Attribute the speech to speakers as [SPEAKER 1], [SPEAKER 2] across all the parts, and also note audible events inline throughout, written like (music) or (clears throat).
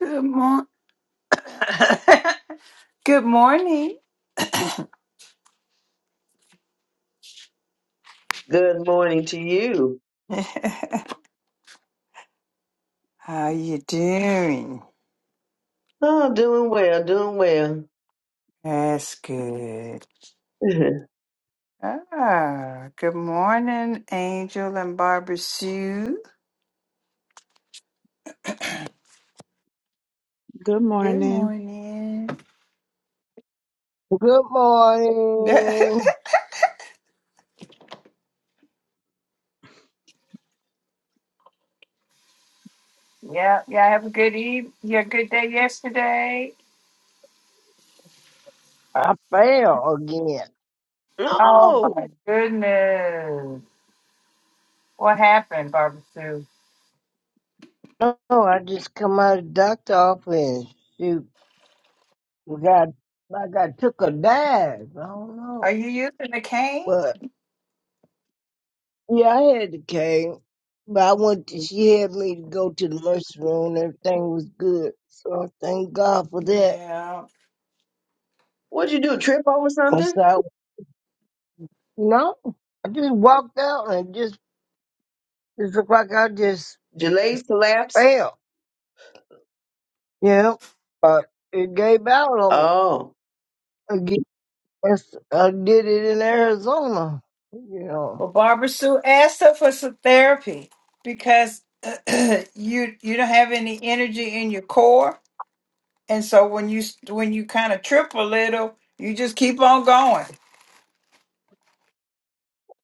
[SPEAKER 1] Good mor- (laughs) Good morning.
[SPEAKER 2] Good morning to you.
[SPEAKER 1] (laughs) How you doing?
[SPEAKER 2] Oh, doing well, doing well.
[SPEAKER 1] That's good.
[SPEAKER 2] (laughs)
[SPEAKER 1] Ah, good morning, Angel and Barbara Sue.
[SPEAKER 3] Good
[SPEAKER 1] Good
[SPEAKER 3] morning.
[SPEAKER 1] morning.
[SPEAKER 4] Good
[SPEAKER 1] (laughs) yeah,
[SPEAKER 4] morning.
[SPEAKER 1] yeah. Have a good eve. Yeah, good day yesterday.
[SPEAKER 4] I fell again.
[SPEAKER 1] Oh
[SPEAKER 2] oh,
[SPEAKER 1] my goodness! What happened, Barbara Sue?
[SPEAKER 4] Oh, I just come out of the doctor office. Shoot, we got like I took a dive. I don't
[SPEAKER 1] Are
[SPEAKER 4] know,
[SPEAKER 1] you using a cane?
[SPEAKER 4] but yeah, I had the cane. But I went. To, she had me to go to the nursery room. Everything was good, so I thank God for that.
[SPEAKER 1] Yeah.
[SPEAKER 2] what'd you do? Trip over
[SPEAKER 4] And
[SPEAKER 2] something?
[SPEAKER 4] so, no, I just walked out and it just it looked like I just
[SPEAKER 2] Delays, collapse?
[SPEAKER 4] fell. Yeah, but it gave out on
[SPEAKER 2] Oh,
[SPEAKER 4] me. It's, I did it in Arizona. You know.
[SPEAKER 1] Well, Barbara Sue asked her for some therapy because (clears throat) you you don't have any energy in your core, and so when you when you kind of trip a little, you just keep on going.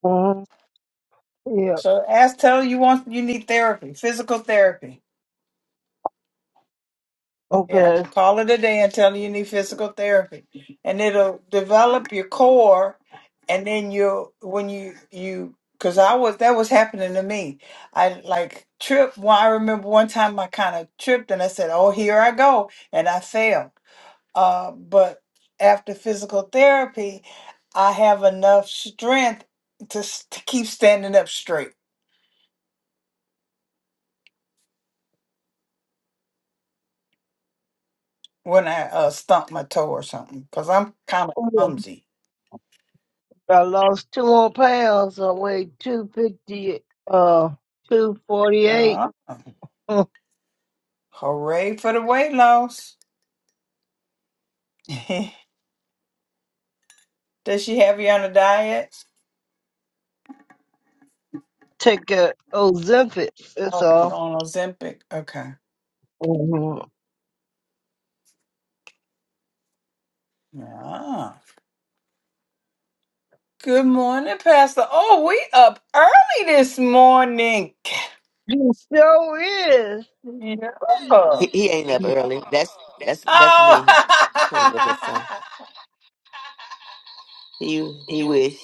[SPEAKER 4] Mhm. Yeah.
[SPEAKER 1] So ask, tell her you want you need therapy, physical therapy. Yeah,
[SPEAKER 4] Okay.
[SPEAKER 1] call it a day and tell her you need physical therapy, and it'll develop your core, and then you when you you because I was that was happening to me. I like tripped. Well, I remember one time I kind of tripped and I said, "Oh, here I go," and I fell. Uh, but after physical therapy, I have enough strength to, s- to keep standing up straight when I uh, stump my toe or something because I'm kind of
[SPEAKER 4] Oh, Yeah.
[SPEAKER 1] clumsy.
[SPEAKER 4] I lost two more pounds. I weighed two fifty. Uh, two forty eight.
[SPEAKER 1] Uh-huh. Hooray for the weight loss. (laughs) Does she have you on a diet?
[SPEAKER 4] Take a Ozempic. That's
[SPEAKER 1] Oh, you
[SPEAKER 4] all.
[SPEAKER 1] on Ozempic. Okay.
[SPEAKER 4] hmm
[SPEAKER 1] Yeah. Good morning, Pastor. Oh, we up early this morning.
[SPEAKER 4] You sure is.
[SPEAKER 1] Yeah. Oh.
[SPEAKER 5] He, he ain't up
[SPEAKER 4] You
[SPEAKER 5] early. That's that's that's me playing with his phone.
[SPEAKER 1] (laughs)
[SPEAKER 5] He he wish.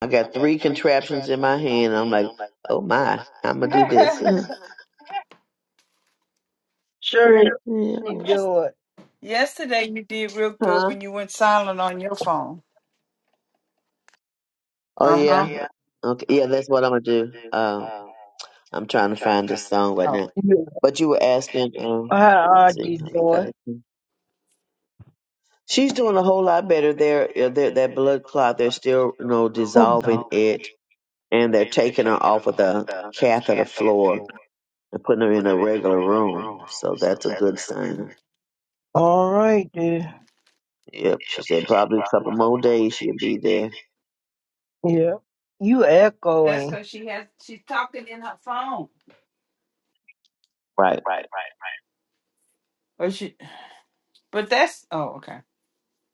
[SPEAKER 2] I got three contraptions in my hand. I'm like, oh my, I'm gonna do this. (laughs)
[SPEAKER 4] Sure is.
[SPEAKER 2] yeah.
[SPEAKER 4] You
[SPEAKER 1] yes.
[SPEAKER 4] do it.
[SPEAKER 1] Yesterday you did real good
[SPEAKER 2] Huh?
[SPEAKER 1] when you went silent on your phone.
[SPEAKER 2] Oh
[SPEAKER 1] Uh huh.
[SPEAKER 2] yeah. Okay. Yeah, that's what I'm gonna do. Um, I'm trying to find this song right
[SPEAKER 1] Oh.
[SPEAKER 2] now.
[SPEAKER 4] Yeah.
[SPEAKER 2] But you were asking. Um,
[SPEAKER 4] How
[SPEAKER 2] let's
[SPEAKER 4] auntie doing?
[SPEAKER 2] see. She's doing a whole lot better there. uh, that that blood clot, they're still, you know,
[SPEAKER 4] Mhm.
[SPEAKER 2] dissolving it, and they're taking her off of the catheter floor and putting her in a regular room. So that's a good sign.
[SPEAKER 4] All right then.
[SPEAKER 2] Yep, she said probably a couple more days she'll be there.
[SPEAKER 4] Yeah. You
[SPEAKER 1] That's
[SPEAKER 4] echoing.
[SPEAKER 1] because she has she's talking in her phone.
[SPEAKER 2] Right.
[SPEAKER 1] But she. But that's. Oh, okay.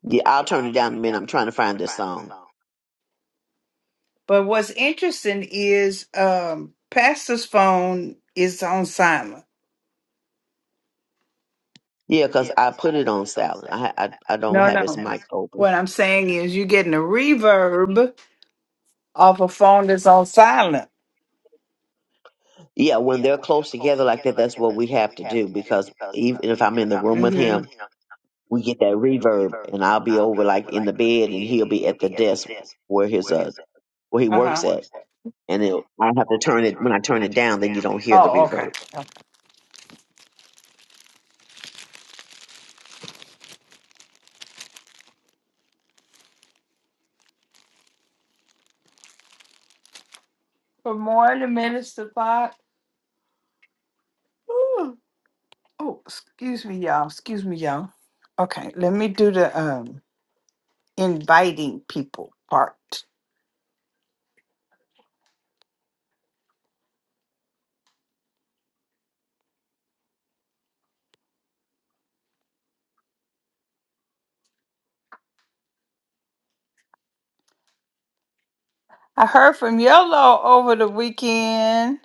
[SPEAKER 2] Yeah, I'll turn it down in a minute. I'm trying to find this song.
[SPEAKER 1] But what's interesting is um Pastor's phone is on silent.
[SPEAKER 2] Yeah, 'cause I put it on silent. I, I I don't
[SPEAKER 1] No,
[SPEAKER 2] have his
[SPEAKER 1] no.
[SPEAKER 2] mic open.
[SPEAKER 1] What I'm saying is you're getting a reverb off a phone that's on silent.
[SPEAKER 2] Yeah, when they're close together like that, that's what we have to do. Because even if I'm in the room with
[SPEAKER 1] Mm-hmm.
[SPEAKER 2] him. we get that reverb and I'll be over like in the bed and he'll be at the desk where his uh where he works
[SPEAKER 1] Uh-huh.
[SPEAKER 2] at. And it, I have to turn it when I turn it down then you don't hear the
[SPEAKER 1] Oh, okay.
[SPEAKER 2] reverb.
[SPEAKER 1] Okay. Good morning, Minister Fox. Ooh. Oh, excuse me, y'all. Excuse me, y'all. Okay, let me do the um inviting people part. I heard from Yellow over the weekend,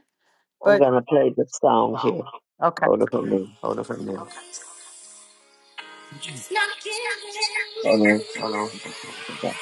[SPEAKER 2] I'm
[SPEAKER 1] but
[SPEAKER 2] gonna play the song here.
[SPEAKER 1] okay.
[SPEAKER 2] Hold up a minute.
[SPEAKER 5] Hold on for a minute.
[SPEAKER 2] Hold
[SPEAKER 5] Hold on.
[SPEAKER 2] on.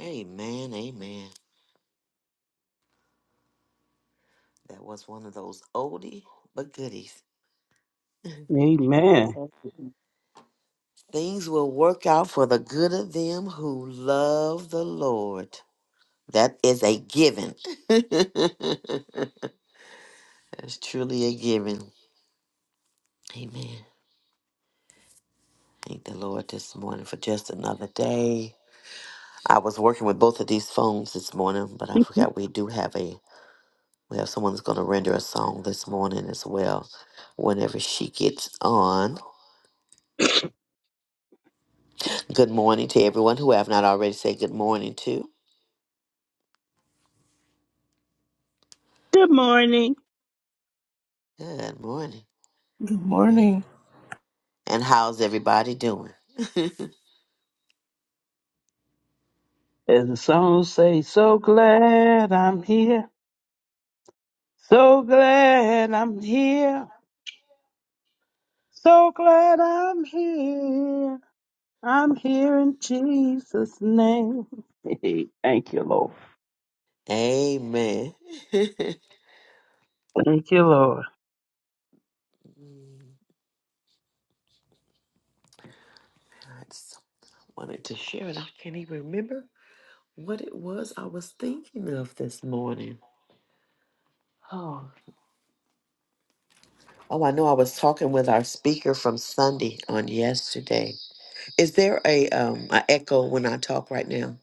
[SPEAKER 5] Amen, amen. That was one of those oldie but goodies.
[SPEAKER 6] Amen.
[SPEAKER 5] Things will work out for the good of them who love the Lord. That is a given. (laughs) That's truly a given. Amen. Thank the Lord this morning for just another day. I was working with both of these phones this morning, but I forgot we do have a we have someone that's going to render a song this morning as well. Whenever she gets on. Good morning to everyone who I have not already said good morning to.
[SPEAKER 6] Good morning.
[SPEAKER 5] Good morning.
[SPEAKER 7] Good
[SPEAKER 5] Amen.
[SPEAKER 7] morning.
[SPEAKER 5] And how's everybody doing? (laughs)
[SPEAKER 6] As the song says, so glad I'm here. So glad I'm here. So glad I'm here. I'm here in Jesus' name. (laughs) thank you, Lord.
[SPEAKER 5] Amen. (laughs) I
[SPEAKER 6] Thank you, Lord.
[SPEAKER 5] just wanted to share and I can't even remember what it was I was thinking of this morning. Oh. Oh, I know I was talking with our speaker from Sunday on yesterday. Is there a um an echo when I talk right now?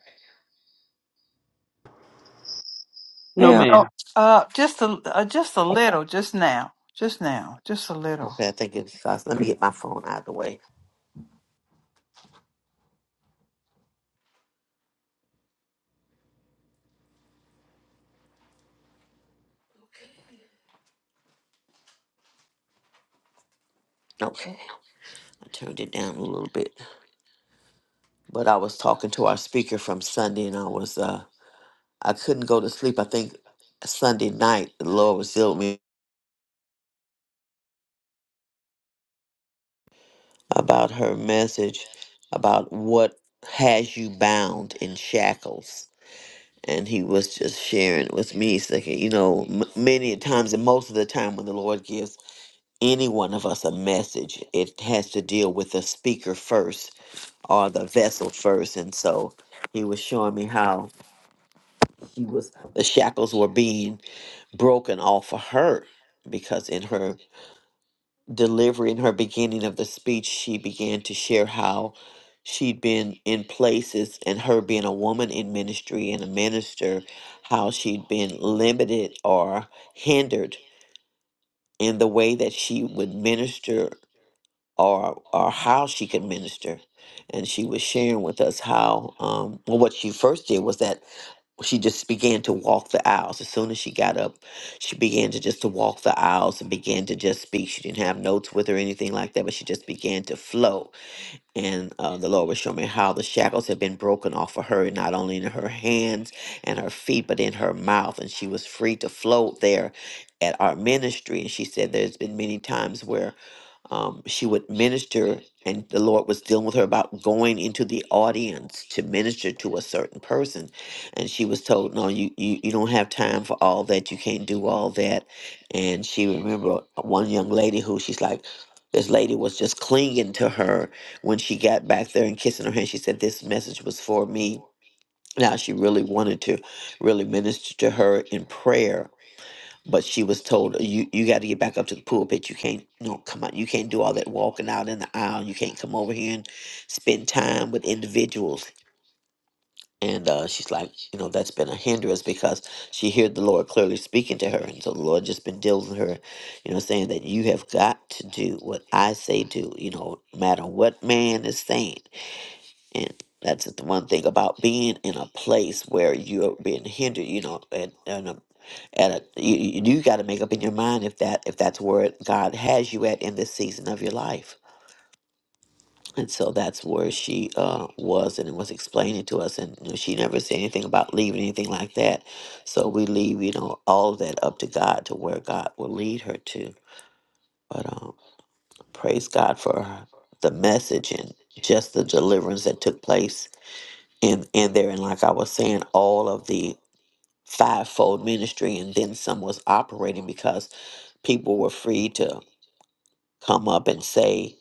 [SPEAKER 6] No,
[SPEAKER 7] Yeah.
[SPEAKER 1] Oh,
[SPEAKER 6] ma'am.
[SPEAKER 1] uh, just a uh, just a little, just now, just now, just a little.
[SPEAKER 5] Okay, I think it's uh, let me get my phone out of the way. Okay. I turned it down a little bit. But I was talking to our speaker from Sunday and I was uh I couldn't go to sleep. I think Sunday night the Lord was dealing with me about her message about what has you bound in shackles and he was just sharing with me he's like you know m- many times and most of the time when the lord gives any one of us a message it has to deal with the speaker first or the vessel first and so he was showing me how he was the shackles were being broken off of her because in her delivery in her beginning of the speech, she began to share how she'd been in places and her being a woman in ministry and a minister, how she'd been limited or hindered in the way that she would minister or or how she could minister. And she was sharing with us how um well what she first did was that she just began to walk the aisles as soon as she got up she began to just to walk the aisles and began to just speak she didn't have notes with her or anything like that but she just began to flow and uh, the lord was showing me how the shackles had been broken off of her not only in her hands and her feet but in her mouth and she was free to float there at our ministry and she said there's been many times where um, she would minister, and the Lord was dealing with her about going into the audience to minister to a certain person, and she was told, "No, you you, you don't have time for all that. You can't do all that." And she remember one young lady who she's like. This lady was just clinging to her when she got back there and kissing her hand. She said, This message was for me. Now, she really wanted to really minister to her in prayer but she was told you you got to get back up to the pulpit. You can't no come out. You can't do all that walking out in the aisle. You can't come over here and spend time with individuals. And uh, she's like, you know, that's been a hindrance because she heard the Lord clearly speaking to her, and so the Lord just been dealing with her, you know, saying that you have got to do what I say do, you know, no matter what man is saying. And that's the one thing about being in a place where you're being hindered, you know, and, and a, at a, you, you got to make up in your mind if that if that's where God has you at in this season of your life. And so that's where she uh, was and it was explaining to us. And you know, she never said anything about leaving, anything like that. So we leave, you know, all of that up to God to where God will lead her to. But um, praise God for the message and just the deliverance that took place and and therein like i was saying all of the fivefold ministry and then some was operating because people were free to come up and say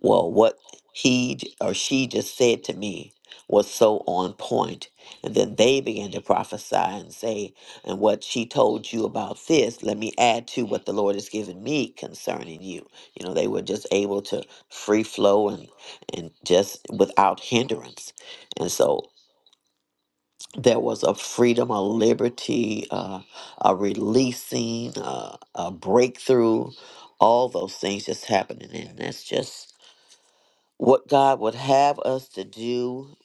[SPEAKER 5] well what he j- or she just said to me was so on point and then they began to prophesy and say and what she told you about this let me add to what the lord has given me concerning you you know they were just able to free flow and and just without hindrance and so there was a freedom, a liberty, uh, a releasing, uh, a breakthrough, all those things just happening. And that's just what God would have us to do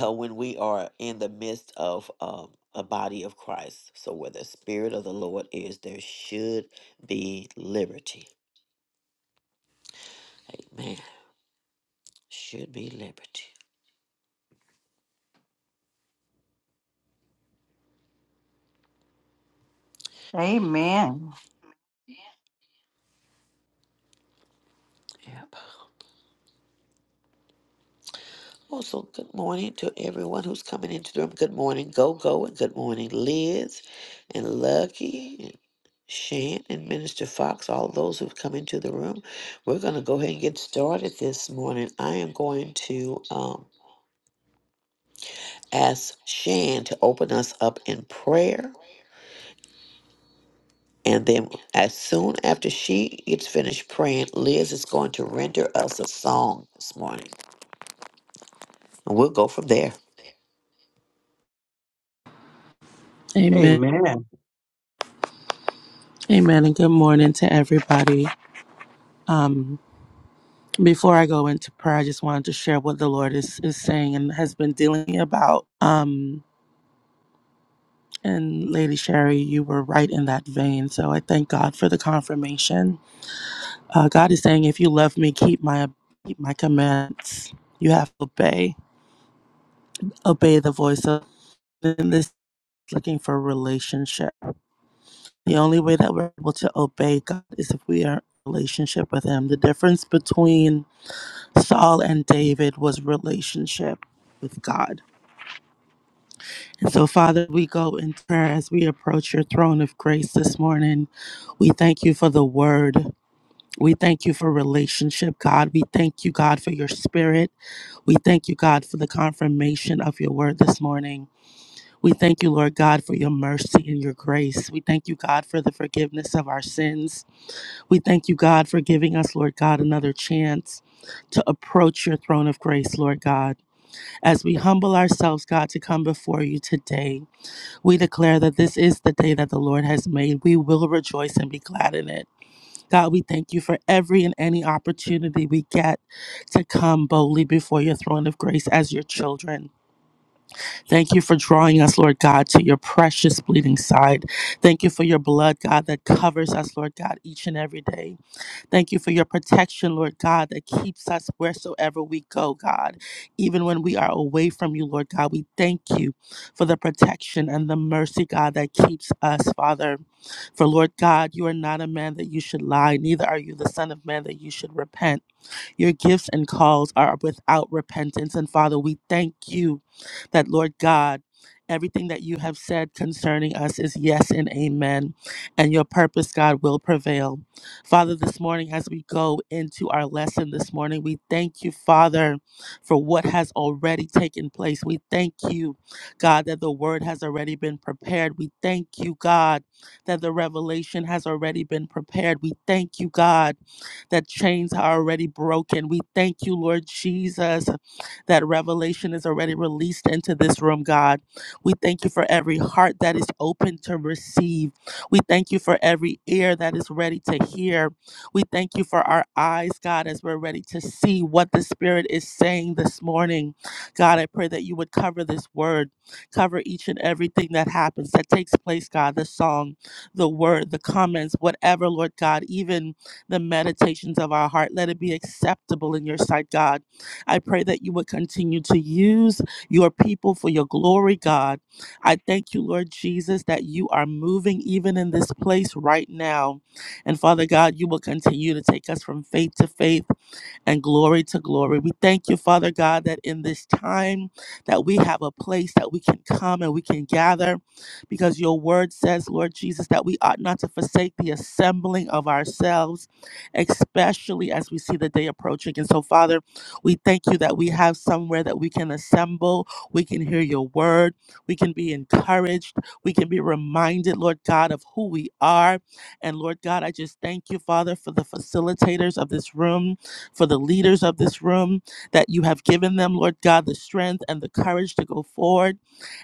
[SPEAKER 5] uh, when we are in the midst of um, a body of Christ. So, where the Spirit of the Lord is, there should be liberty. Amen. Should be liberty.
[SPEAKER 1] Amen.
[SPEAKER 5] Yeah. Also, good morning to everyone who's coming into the room. Good morning, Go Go, and good morning, Liz, and Lucky, and Shan, and Minister Fox, all those who've come into the room. We're going to go ahead and get started this morning. I am going to um, ask Shan to open us up in prayer. And then, as soon after she gets finished praying, Liz is going to render us a song this morning. And we'll go from there.
[SPEAKER 7] Amen.
[SPEAKER 6] Amen.
[SPEAKER 7] Amen. And good morning to everybody. Um, before I go into prayer, I just wanted to share what the Lord is, is saying and has been dealing about. Um, and Lady Sherry, you were right in that vein. So I thank God for the confirmation. Uh, God is saying, if you love me, keep my keep my commands. You have to obey. Obey the voice of and this is looking for relationship. The only way that we're able to obey God is if we are in relationship with Him. The difference between Saul and David was relationship with God. And so, Father, we go in prayer as we approach your throne of grace this morning. We thank you for the word. We thank you for relationship, God. We thank you, God, for your spirit. We thank you, God, for the confirmation of your word this morning. We thank you, Lord God, for your mercy and your grace. We thank you, God, for the forgiveness of our sins. We thank you, God, for giving us, Lord God, another chance to approach your throne of grace, Lord God. As we humble ourselves, God, to come before you today, we declare that this is the day that the Lord has made. We will rejoice and be glad in it. God, we thank you for every and any opportunity we get to come boldly before your throne of grace as your children. Thank you for drawing us, Lord God, to your precious bleeding side. Thank you for your blood, God, that covers us, Lord God, each and every day. Thank you for your protection, Lord God, that keeps us wheresoever we go, God. Even when we are away from you, Lord God, we thank you for the protection and the mercy, God, that keeps us, Father. For Lord God, you are not a man that you should lie, neither are you the Son of Man that you should repent. Your gifts and calls are without repentance. And Father, we thank you that, Lord God, everything that you have said concerning us is yes and amen, and your purpose, God, will prevail. Father, this morning, as we go into our lesson this morning, we thank you, Father, for what has already taken place. We thank you, God, that the word has already been prepared. We thank you, God, that the revelation has already been prepared. We thank you, God, that chains are already broken. We thank you, Lord Jesus, that revelation is already released into this room, God. We thank you for every heart that is open to receive. We thank you for every ear that is ready to hear. We thank you for our eyes, God, as we're ready to see what the Spirit is saying this morning. God, I pray that you would cover this word, cover each and everything that happens, that takes place, God, the song, the word, the comments, whatever, Lord God, even the meditations of our heart. Let it be acceptable in your sight, God. I pray that you would continue to use your people for your glory, God. I thank you, Lord Jesus, that you are moving even in this place right now. And Father God, you will continue to take us from faith to faith and glory to glory. We thank you, Father God, that in this time that we have a place that we can come and we can gather because your word says, Lord Jesus, that we ought not to forsake the assembling of ourselves, especially as we see the day approaching. And so, Father, we thank you that we have somewhere that we can assemble, we can hear your word, we can be encouraged, we can be reminded, Lord God, of who we are. And Lord God, I just thank you, Father, for the facilitators of this room for the leaders of this room, that you have given them, Lord God, the strength and the courage to go forward.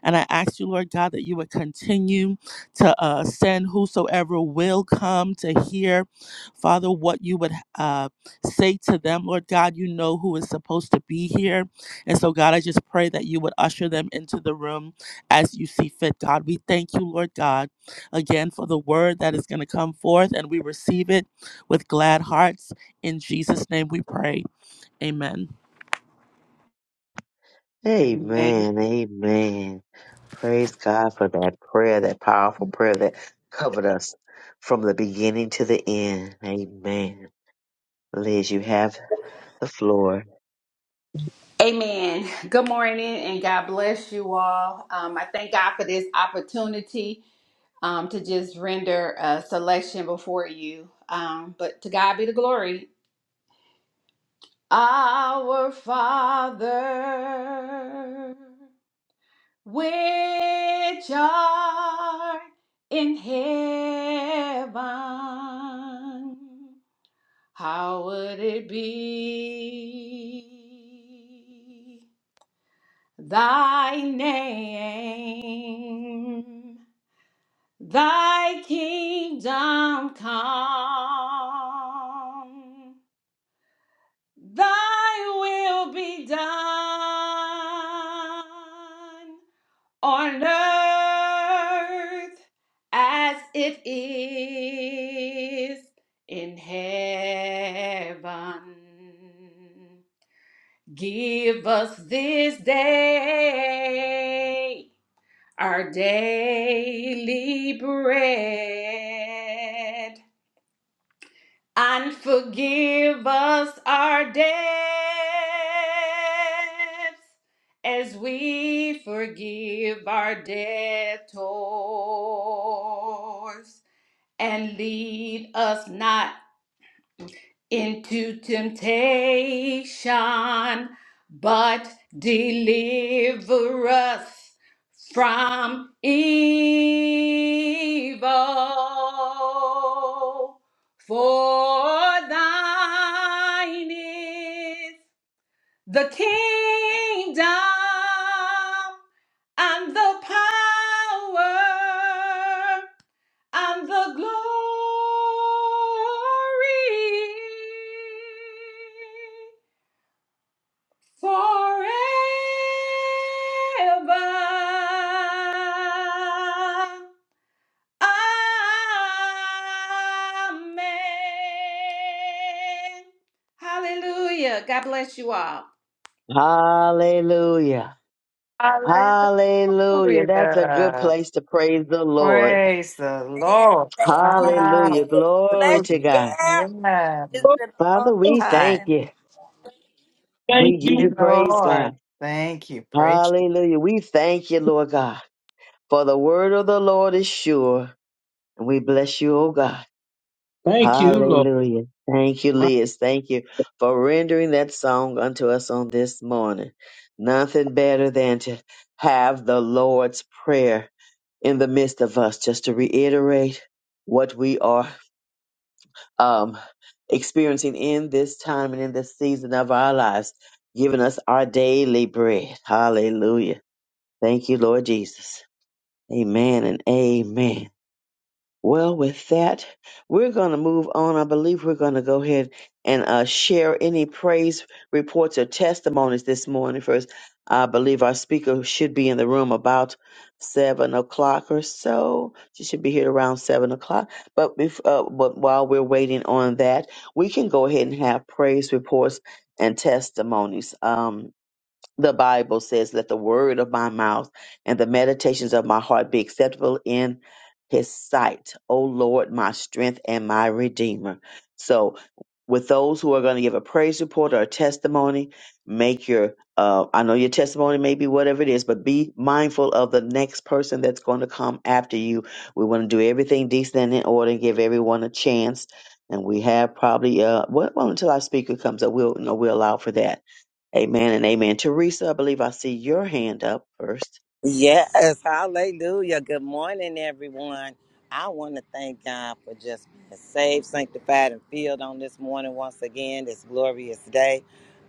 [SPEAKER 7] And I ask you, Lord God, that you would continue to uh, send whosoever will come to hear, Father, what you would uh, say to them, Lord God. You know who is supposed to be here. And so, God, I just pray that you would usher them into the room as you see fit, God. We thank you, Lord God, again for the word that is going to come forth, and we receive it with glad hearts. In Jesus' name we pray. Amen.
[SPEAKER 1] Amen.
[SPEAKER 2] Amen. Amen. Praise God for that prayer, that powerful prayer that covered us from the beginning to the end. Amen. Liz, you have the floor.
[SPEAKER 8] Amen. Good morning and God bless you all. Um, I thank God for this opportunity um, to just render a selection before you. Um, but to God be the glory. Our Father, which art in heaven, how would it be? thy name, thy kingdom come, thy will be done on earth as it is in heaven. Give us this day our daily bread and forgive us our debts as we forgive our debtors and lead us not into temptation, but deliver us from evil. For thine is the kingdom and the power and the glory forever. Amen. Hallelujah. God bless you all.
[SPEAKER 2] Hallelujah. Hallelujah. That's a good
[SPEAKER 1] Hallelujah.
[SPEAKER 2] place to praise the Lord.
[SPEAKER 1] Praise the
[SPEAKER 9] Man,
[SPEAKER 1] Lord.
[SPEAKER 9] thank you,
[SPEAKER 1] Hallelujah.
[SPEAKER 2] Hallelujah.
[SPEAKER 9] Liz.
[SPEAKER 2] Glory
[SPEAKER 9] Bless
[SPEAKER 2] to
[SPEAKER 9] you,
[SPEAKER 2] God.
[SPEAKER 9] girl.
[SPEAKER 1] Yeah.
[SPEAKER 9] It's been a long
[SPEAKER 2] Father,
[SPEAKER 6] Oh,
[SPEAKER 2] we thank
[SPEAKER 9] time.
[SPEAKER 2] you.
[SPEAKER 6] thank
[SPEAKER 2] We
[SPEAKER 1] Thank
[SPEAKER 2] give
[SPEAKER 1] you,
[SPEAKER 2] you
[SPEAKER 6] you.
[SPEAKER 2] praise, God.
[SPEAKER 1] Lord. Thank you. Praise. the-
[SPEAKER 2] Hallelujah. We thank you, Lord God, for the word of the Lord is sure. And we bless you, oh God.
[SPEAKER 6] Thank you, Lord.
[SPEAKER 2] Hallelujah. Thank you,
[SPEAKER 6] I-
[SPEAKER 2] Liz. Thank you for rendering that song unto us on this morning. Nothing better than to have the Lord's Prayer in the midst of us, just to reiterate what we are um, experiencing in this time and in this season of our lives, giving us our daily bread. Hallelujah. Thank you, Lord Jesus. Amen and amen. Well, with that, we're going to move on. I believe we're going to go ahead and uh, share any praise reports or testimonies this morning. First, I believe our speaker should be in the room about seven o'clock or so. She should be here around seven o'clock. But bef- uh, but while we're waiting on that, we can go ahead and have praise reports and testimonies. Um, the Bible says, Let the word of my mouth and the meditations of my heart be acceptable in his sight, O Lord, my strength and my redeemer. So, with those who are going to give a praise report or a testimony, make your uh, I know your testimony may be whatever it is, but be mindful of the next person that's going to come after you. We want to do everything decent and in order and give everyone a chance. And we have probably uh well, well until our speaker comes up, we'll you know, we'll allow for that Amen and amen. Teresa, I believe I see your hand up first.
[SPEAKER 10] Yes, hallelujah. Good morning, everyone. I want to thank God for just being saved, sanctified, and filled on this morning once again, this glorious day.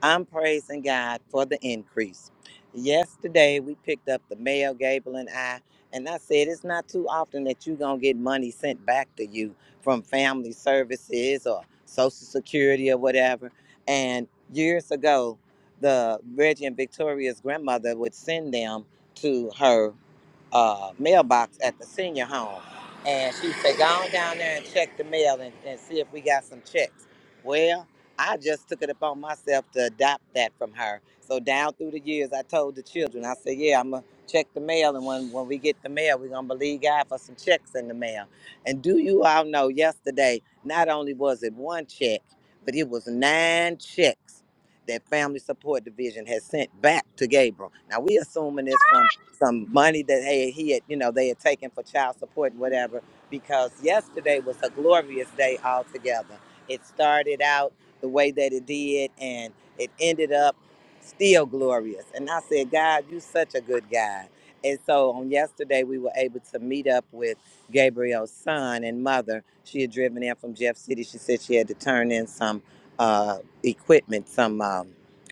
[SPEAKER 10] I'm praising God for the increase. Yesterday, we picked up the mail, Gable and I, and I said, It's not too often that you're going to get money sent back to you from family services or Social Security or whatever. And years ago, the Reggie and Victoria's grandmother would send them to her uh, mailbox at the senior home. And she said, go on down there and check the mail and, and see if we got some checks. Well, I just took it upon myself to adopt that from her. So down through the years, I told the children, I said, yeah, I'm going to check the mail. And when, when we get the mail, we're going to believe God for some checks in the mail. And do you all know yesterday, not only was it one check, but it was nine checks that Family Support Division has sent back to Gabriel. Now we assuming this from some money that hey he had you know they had taken for child support and whatever because yesterday was a glorious day altogether. It started out the way that it did and it ended up still glorious. And I said, God, you such a good God. And so on yesterday we were able to meet up with Gabriel's son and mother. She had driven in from Jeff City. She said she had to turn in some uh, equipment, some um,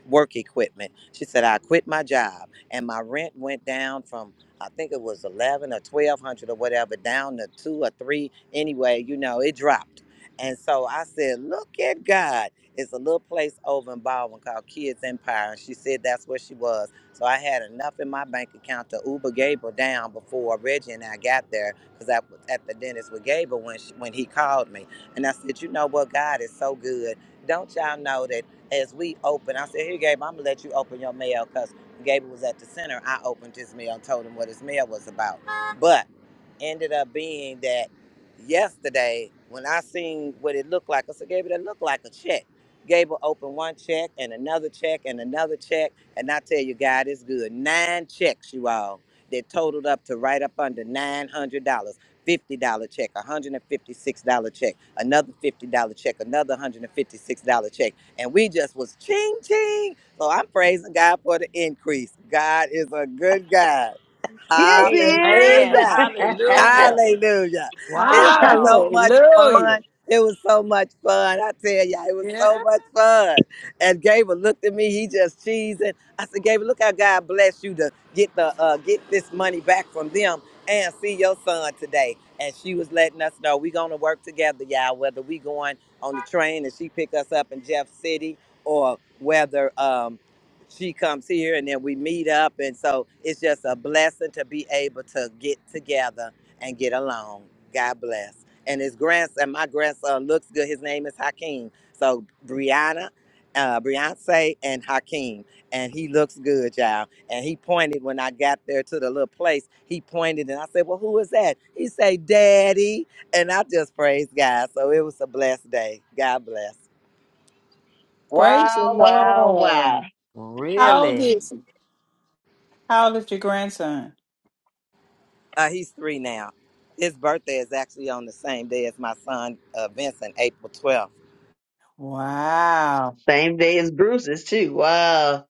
[SPEAKER 10] work equipment. She said, I quit my job and my rent went down from I think it was eleven or twelve hundred or whatever down to two or three. Anyway, you know it dropped, and so I said, "Look at God." It's a little place over in Baldwin called Kids Empire, and she said that's where she was. So I had enough in my bank account to Uber Gabriel down before Reggie and I got there because I was at the dentist with Gabriel when she, when he called me, and I said, "You know what? God is so good. Don't y'all know that?" As we open, I said, "Here, Gabriel, I'm gonna let you open your mail because." Gabriel was at the center. I opened his mail and told him what his mail was about. But ended up being that yesterday when I seen what it looked like, I said, Gabriel, that looked like a check. Gabriel opened one check and another check and another check. And I tell you, God, it's good. Nine checks, you all, that totaled up to right up under $900. $50 check, $156 check, another $50 check, another $156 check. And we just was ching ching. So I'm praising God for the increase. God is a good God.
[SPEAKER 9] Amen.
[SPEAKER 10] Hallelujah.
[SPEAKER 9] Hallelujah.
[SPEAKER 10] Hallelujah. It was so
[SPEAKER 9] Wow.
[SPEAKER 10] much
[SPEAKER 1] Hallelujah.
[SPEAKER 10] fun. It was so much fun. I tell ya, it was so much fun. And Gabriel looked at me, he just cheesing. I said, Gabriel, look how God bless you to get the uh, get this money back from them and see your son today. And she was letting us know we gonna work together, y'all, whether we going on the train and she pick us up in Jeff City or whether um she comes here and then we meet up and so it's just a blessing to be able to get together and get along. God bless. And his grandson, my grandson looks good. His name is Hakeem. So Brianna, uh, Beyonce, and Hakeem. And he looks good, y'all. And he pointed when I got there to the little place. He pointed and I said, Well, who is that? He said, Daddy. And I just praised God. So it was a blessed day. God bless.
[SPEAKER 2] Wow,
[SPEAKER 1] Praise the
[SPEAKER 2] wow.
[SPEAKER 1] Lord. How old
[SPEAKER 9] Really?
[SPEAKER 1] is he? How old is your grandson?
[SPEAKER 10] Uh, he's three now. His birthday is actually on the same day as my son, uh, Vincent, April 12th.
[SPEAKER 1] Wow.
[SPEAKER 2] Same day as Bruce's too. Wow.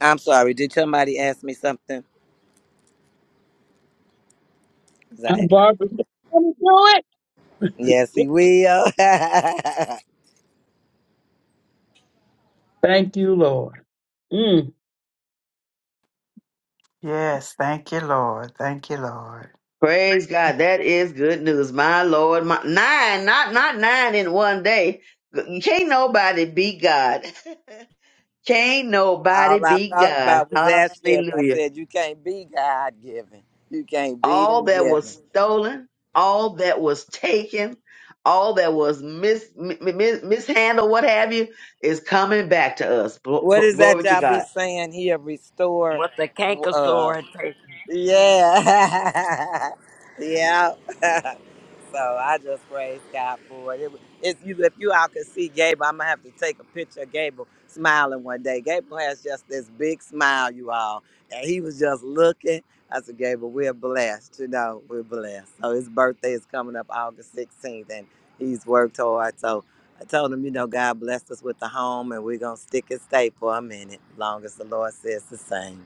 [SPEAKER 10] I'm sorry. Did somebody ask me something?
[SPEAKER 6] I'm Barbara. Let me do
[SPEAKER 10] Yes, he
[SPEAKER 6] it.
[SPEAKER 10] will. (laughs)
[SPEAKER 6] Thank you, Lord. Mm.
[SPEAKER 1] Yes, thank you, Lord. Thank you, Lord.
[SPEAKER 2] Praise God. That is good news. My Lord. My nine, not not nine in one day. Can't nobody beat God. (laughs) Can't nobody
[SPEAKER 10] All I
[SPEAKER 2] beat
[SPEAKER 10] thought
[SPEAKER 2] God.
[SPEAKER 10] about was that shift. I
[SPEAKER 2] Hallelujah.
[SPEAKER 10] said, You can't be God given. You can't be
[SPEAKER 2] All
[SPEAKER 10] them
[SPEAKER 2] that was
[SPEAKER 10] given.
[SPEAKER 2] stolen, all that was taken, all that was mis, mi- mi- mishandled, what have you, is coming back to us. Glo-
[SPEAKER 10] What is that
[SPEAKER 2] Glory to
[SPEAKER 10] y'all be
[SPEAKER 2] God.
[SPEAKER 10] saying here? Restore.
[SPEAKER 9] What the canker
[SPEAKER 10] uh
[SPEAKER 9] sore had taken.
[SPEAKER 10] Yeah. (laughs) yeah. (laughs) so I just praise God for it. it it's you if you all could see Gable, I'm gonna have to take a picture of Gable smiling one day. Gable has just this big smile, you all. And he was just looking. I said, Gable, we're blessed, you know, we're blessed. So his birthday is coming up August 16th and he's worked hard. So I told him, you know, God blessed us with the home and we're gonna stick and stay for a minute, long as the Lord says the same.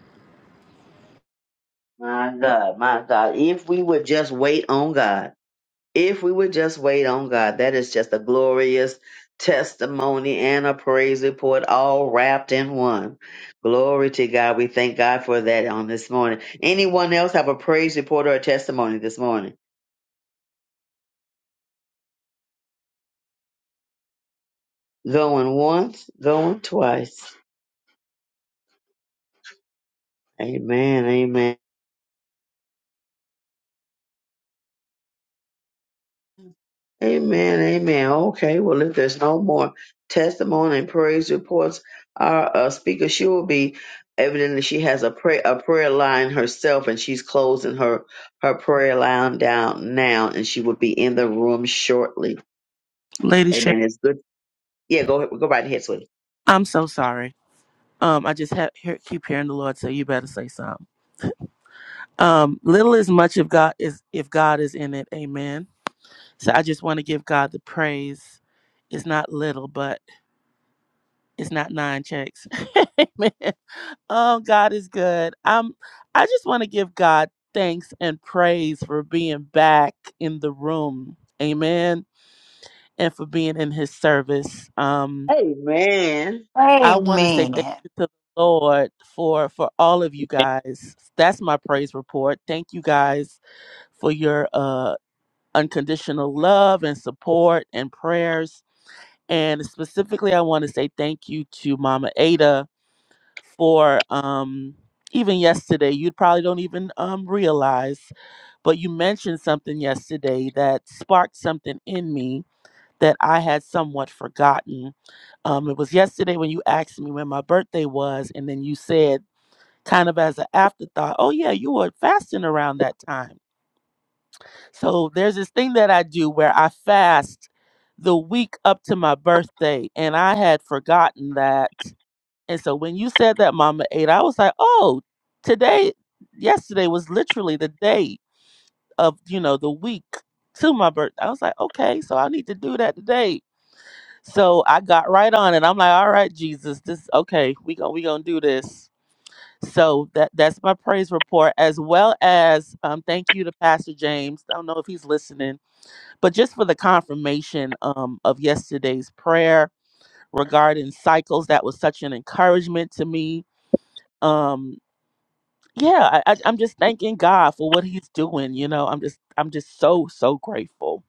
[SPEAKER 2] My God, my God. If we would just wait on God, if we would just wait on God, that is just a glorious testimony and a praise report all wrapped in one. Glory to God. We thank God for that on this morning. Anyone else have a praise report or a testimony this morning? Going once, going twice. Amen. Amen. Amen. Amen. Okay. Well, if there's no more testimony and praise reports, our uh, speaker, she will be evidently she has a prayer a prayer line herself, and she's closing her her prayer line down now, and she will be in the room shortly.
[SPEAKER 7] Lady Sharon,
[SPEAKER 2] Amen. It's good. Yeah. Go ahead- go right ahead, sweetie.
[SPEAKER 7] I'm so sorry. Um, I just have, hear, keep hearing the Lord say you better say something. Um, little is much if God is if God is in it. Amen. So I just want to give God the praise. It's not little, but it's not nine checks. (laughs) Amen. Oh, God is good. Um, I just want to give God thanks and praise for being back in the room. Amen. And for being in his service. Um,
[SPEAKER 2] Amen.
[SPEAKER 7] I want to say
[SPEAKER 1] Amen.
[SPEAKER 7] thank you to the Lord for for all of you guys. That's my praise report. Thank you guys for your uh unconditional love and support and prayers. And specifically I want to say thank you to Mama Ada for um even yesterday you probably don't even um realize but you mentioned something yesterday that sparked something in me that i had somewhat forgotten um it was yesterday when you asked me when my birthday was and then you said kind of as an afterthought oh yeah you were fasting around that time so there's this thing that i do where i fast the week up to my birthday and i had forgotten that and so when you said that Mama Eight, I was like, oh, today, yesterday was literally the day of, you know, the week to my birth. I was like, okay, so I need to do that today. So I got right on it. I'm like, all right, Jesus, this okay, we gonna we gonna do this. So that that's my praise report, as well as um, thank you to Pastor James. I don't know if he's listening, but just for the confirmation um, of yesterday's prayer regarding cycles, that was such an encouragement to me Um. yeah, I, I, I'm just thanking God for what He's doing. You know, I'm just, I'm just so, so grateful.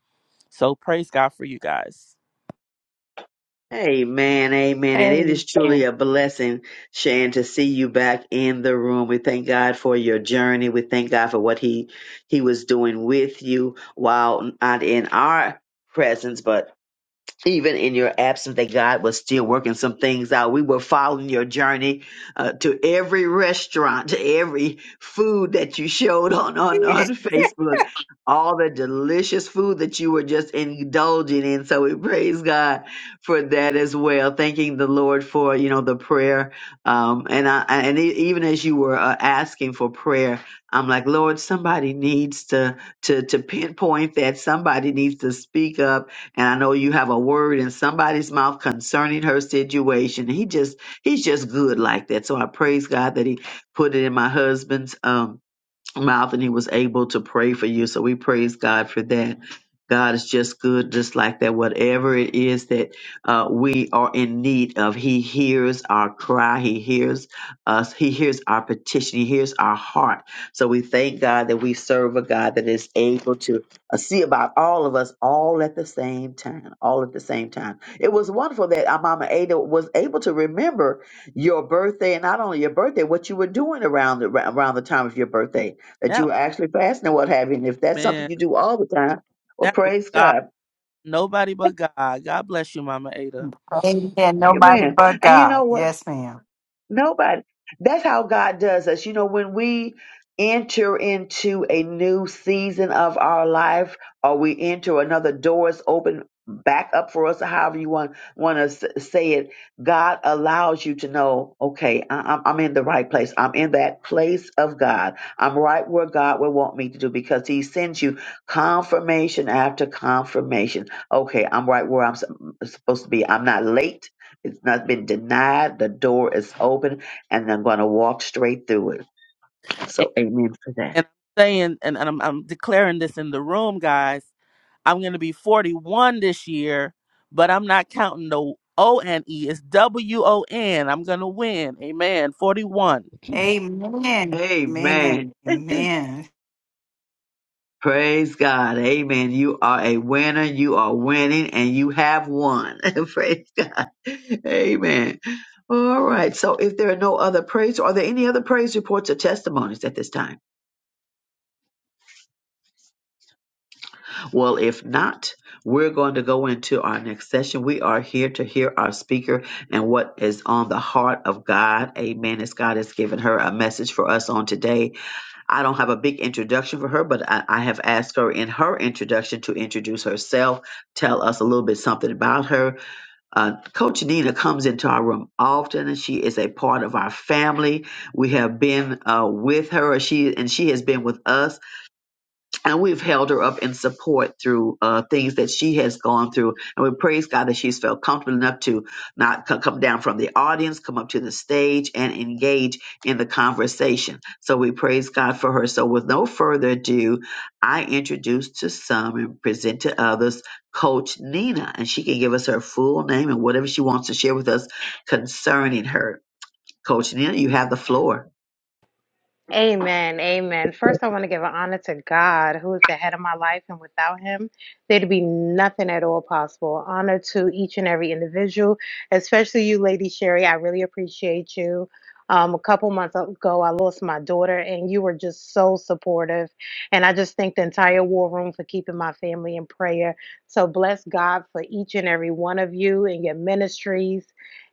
[SPEAKER 7] So praise God for you guys.
[SPEAKER 2] Amen, amen. And it
[SPEAKER 1] Amen.
[SPEAKER 2] is truly a blessing, Shan, to see you back in the room. We thank God for your journey. We thank God for what He He was doing with you while not in our presence, but even in your absence, that God was still working some things out. We were following your journey uh, to every restaurant, to every food that you showed on, on, on Facebook, all the delicious food that you were just indulging in. So we praise God for that as well. Thanking the Lord for, you know, the prayer. Um, and I, and e- even as you were uh, asking for prayer, I'm like, Lord, somebody needs to, to, to pinpoint that somebody needs to speak up and I know you have a word in somebody's mouth concerning her situation. He just, he's just good like that. So I praise God that he put it in my husband's, um, mouth and he was able to pray for you. So we praise God for that. God is just good, just like that. Whatever it is that uh, we are in need of, He hears our cry. He hears us. He hears our petition. He hears our heart. So we thank God that we serve a God that is able to uh, see about all of us all at the same time. All at the same time. It was wonderful that our Mama Ada was able to remember your birthday and not only your birthday, what you were doing around the, around the time of your birthday that
[SPEAKER 7] Yeah,
[SPEAKER 2] you are actually fasting and what have you. And if that's something
[SPEAKER 7] man,
[SPEAKER 2] you do all the time, well,
[SPEAKER 7] that was
[SPEAKER 2] praise
[SPEAKER 7] God.
[SPEAKER 2] God.
[SPEAKER 7] Nobody but God. God bless you, Mama Ada.
[SPEAKER 1] Amen. Nobody
[SPEAKER 2] Amen.
[SPEAKER 1] but
[SPEAKER 2] And you
[SPEAKER 1] God.
[SPEAKER 2] know what?
[SPEAKER 1] Yes, ma'am.
[SPEAKER 2] Nobody. That's how God does us. You know, when we enter into a new season of our life, or we enter another door is open back up for us, or however you want want to s- say it, God allows you to know, okay, I, I'm I'm in the right place. I'm in that place of God. I'm right where God would want me to do because He sends you confirmation after confirmation. Okay, I'm right where I'm s- supposed to be. I'm not late. It's not been denied. The door is open, and I'm going to walk straight through it.
[SPEAKER 7] And,
[SPEAKER 2] So, amen for that.
[SPEAKER 7] and I'm saying, and, and I'm, I'm declaring this in the room, guys. I'm gonna be 41 this year, but I'm not counting the O N E. It's W O N. I'm gonna win. Amen. 41.
[SPEAKER 1] Amen.
[SPEAKER 2] Amen.
[SPEAKER 1] Amen. Amen.
[SPEAKER 2] Praise God. Amen. You are a winner. You are winning, and you have won. (laughs) Praise God. Amen. All right. So, if there are no other praise, are there any other praise reports or testimonies at this time? Well, if not, we're going to go into our next session. We are here to hear our speaker and what is on the heart of God. Amen. As God has given her a message for us on today. I don't have a big introduction for her, but I, I have asked her in her introduction to introduce herself, tell us a little bit something about her. Uh, Coach Nina comes into our room often, and she is a part of our family. We have been uh, with her, she and she has been with us and we've held her up in support through uh, things that she has gone through. And we praise God that she's felt comfortable enough to not co- come down from the audience, come up to the stage, and engage in the conversation. So we praise God for her. So, with no further ado, I introduce to some and present to others Coach Nina, and she can give us her full name and whatever she wants to share with us concerning her. Coach Nina, you have the floor.
[SPEAKER 11] Amen. Amen. First, I want to give an honor to God, who is the head of my life, and without Him, there'd be nothing at all possible. Honor to each and every individual, especially you, Lady Sherry. I really appreciate you. Um, a couple months ago, I lost my daughter, and you were just so supportive. And I just thank the entire war room for keeping my family in prayer. So bless God for each and every one of you and your ministries.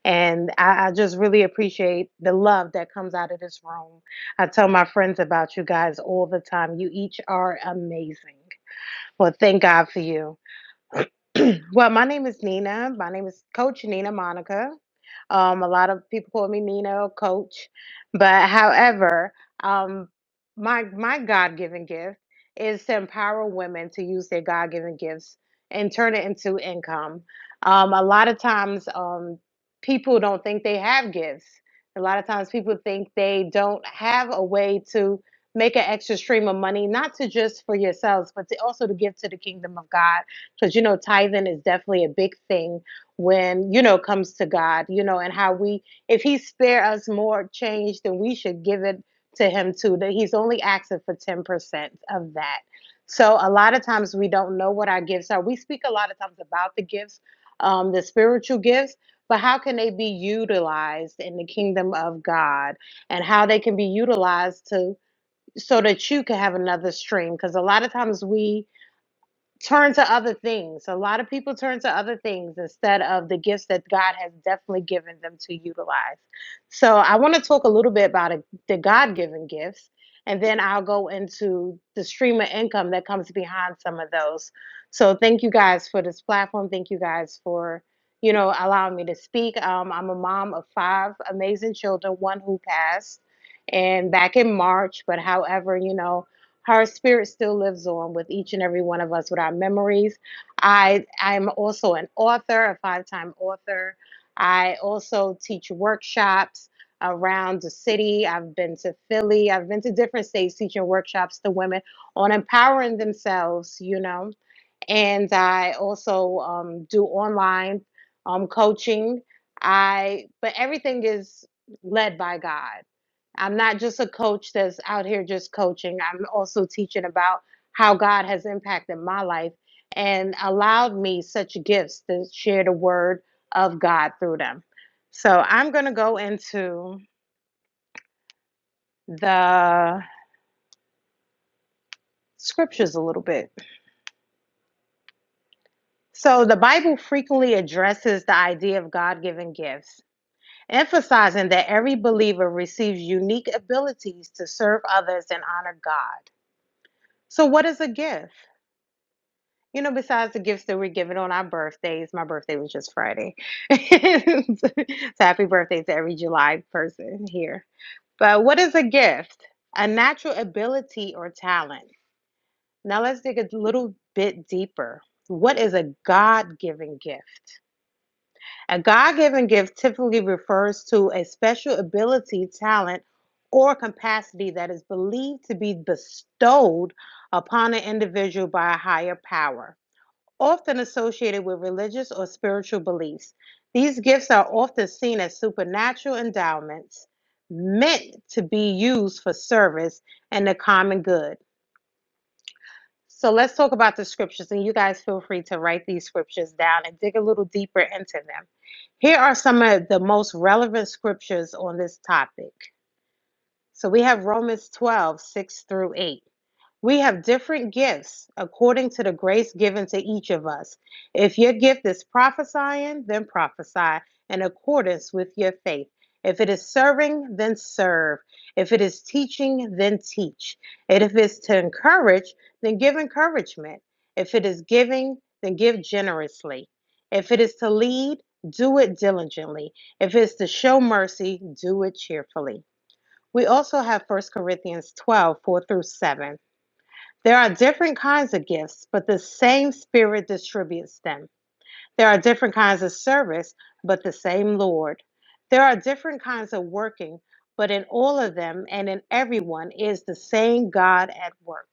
[SPEAKER 11] And I, I just really appreciate the love that comes out of this room I tell my friends about you guys all the time. You each are amazing. Well, thank God for you. Well, my name is Nina. My name is Coach Nina Monica. Um, a lot of people call me Nina or Coach, but however, um, my my God given gift is to empower women to use their God given gifts and turn it into income. Um, a lot of times, um, people don't think they have gifts. A lot of times, people think they don't have a way to make an extra stream of money, not to just for yourselves, but to also to give to the kingdom of God because you know tithing is definitely a big thing when you know comes to god you know and how we if he spare us more change then we should give it to him too that he's only asking for 10% of that so a lot of times we don't know what our gifts are we speak a lot of times about the gifts um, the spiritual gifts but how can they be utilized in the kingdom of god and how they can be utilized to so that you can have another stream because a lot of times we turn to other things. A lot of people turn to other things instead of the gifts that God has definitely given them to utilize. So I want to talk a little bit about it, the God given gifts, and then I'll go into the stream of income that comes behind some of those. So thank you guys for this platform. Thank you guys for you know allowing me to speak. Um, I'm a mom of five amazing children, one who passed, and back in March. But however, you know her spirit still lives on with each and every one of us with our memories i i'm also an author a five-time author i also teach workshops around the city i've been to philly i've been to different states teaching workshops to women on empowering themselves you know and i also um, do online um, coaching i but everything is led by god I'm not just a coach that's out here just coaching. I'm also teaching about how God has impacted my life and allowed me such gifts to share the word of God through them. So I'm going to go into the scriptures a little bit. So the Bible frequently addresses the idea of God given gifts, emphasizing that every believer receives unique abilities to serve others and honor God. So, what is a gift? You know, besides the gifts that we're given on our birthdays, my birthday was just Friday. (laughs) so happy birthday to every July person here. But what is a gift? A natural ability or talent. Now let's dig a little bit deeper. What is a God given gift? A God given gift typically refers to a special ability, talent, or capacity that is believed to be bestowed upon an individual by a higher power often associated with religious or spiritual beliefs. These gifts are often seen as supernatural endowments meant to be used for service and the common good. So let's talk about the scriptures, and you guys feel free to write these scriptures down and dig a little deeper into them. Here are some of the most relevant scriptures on this topic. So we have Romans 12 6 through 8. We have different gifts according to the grace given to each of us. If your gift is prophesying, then prophesy in accordance with your faith. If it is serving, then serve. If it is teaching, then teach. And if it's to encourage, then give encouragement. If it is giving, then give generously. If it is to lead, do it diligently. If it's to show mercy, do it cheerfully. We also have First Corinthians 12 4 through 7. There are different kinds of gifts, but the same Spirit distributes them. There are different kinds of service, but the same Lord. There are different kinds of working, but in all of them and in everyone is the same God at work.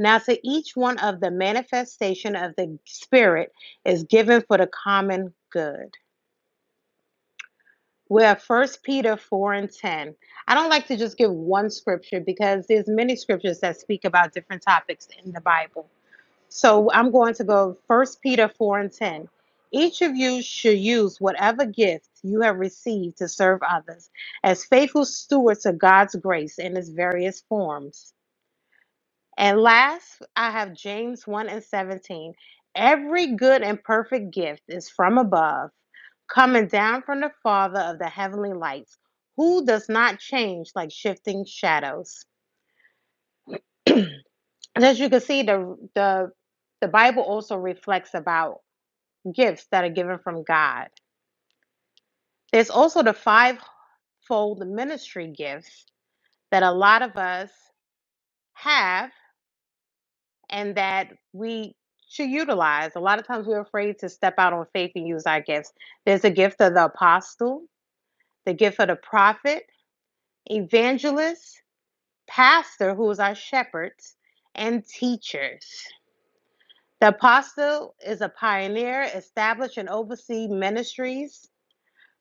[SPEAKER 11] Now, to each one of the manifestation of the Spirit is given for the common good. We're First Peter 4 and 10. I don't like to just give one scripture because there's many scriptures that speak about different topics in the Bible. So I'm going to go First Peter 4 and 10. Each of you should use whatever gift you have received to serve others as faithful stewards of God's grace in its various forms. And last, I have James 1 and 17. Every good and perfect gift is from above, coming down from the Father of the heavenly lights, who does not change like shifting shadows. (clears throat) And as you can see, the, the the Bible also reflects about gifts that are given from God. There's also the fivefold ministry gifts that a lot of us have and that we should utilize. A lot of times we're afraid to step out on faith and use our gifts. There's the gift of the apostle, the gift of the prophet, evangelist, pastor, who is our shepherds, and teachers. The apostle is a pioneer, establish and oversee ministries.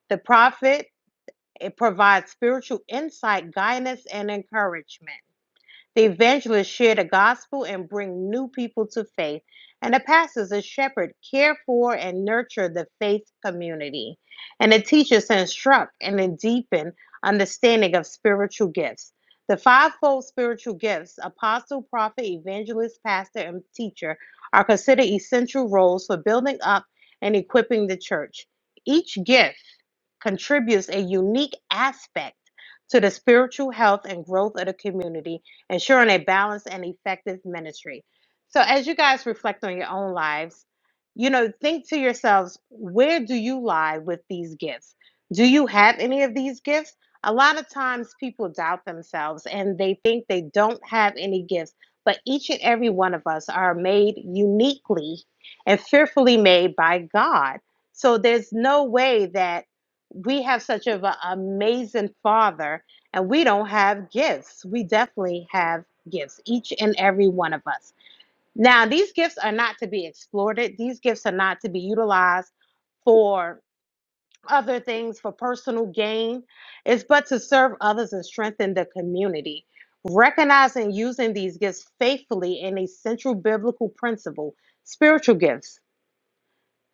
[SPEAKER 11] The prophet It provides spiritual insight, guidance, and encouragement. The evangelists share the gospel and bring new people to faith, and the pastors and shepherds care for and nurture the faith community. And the teachers instruct and deepen understanding of spiritual gifts. The fivefold spiritual gifts apostle, prophet, evangelist, pastor, and teacher are considered essential roles for building up and equipping the church. Each gift contributes a unique aspect to the spiritual health and growth of the community ensuring a balanced and effective ministry. So, as you guys reflect on your own lives, you know, think to yourselves, where do you lie with these gifts? Do you have any of these gifts? A lot of times people doubt themselves and they think they don't have any gifts, but each and every one of us are made uniquely and fearfully made by God. So, there's no way that we have such of an amazing father and we don't have gifts. We definitely have gifts, each and every one of us. Now, these gifts are not to be exploited, these gifts are not to be utilized for other things for personal gain. It's but to serve others and strengthen the community. Recognizing and using these gifts faithfully in a central biblical principle, spiritual gifts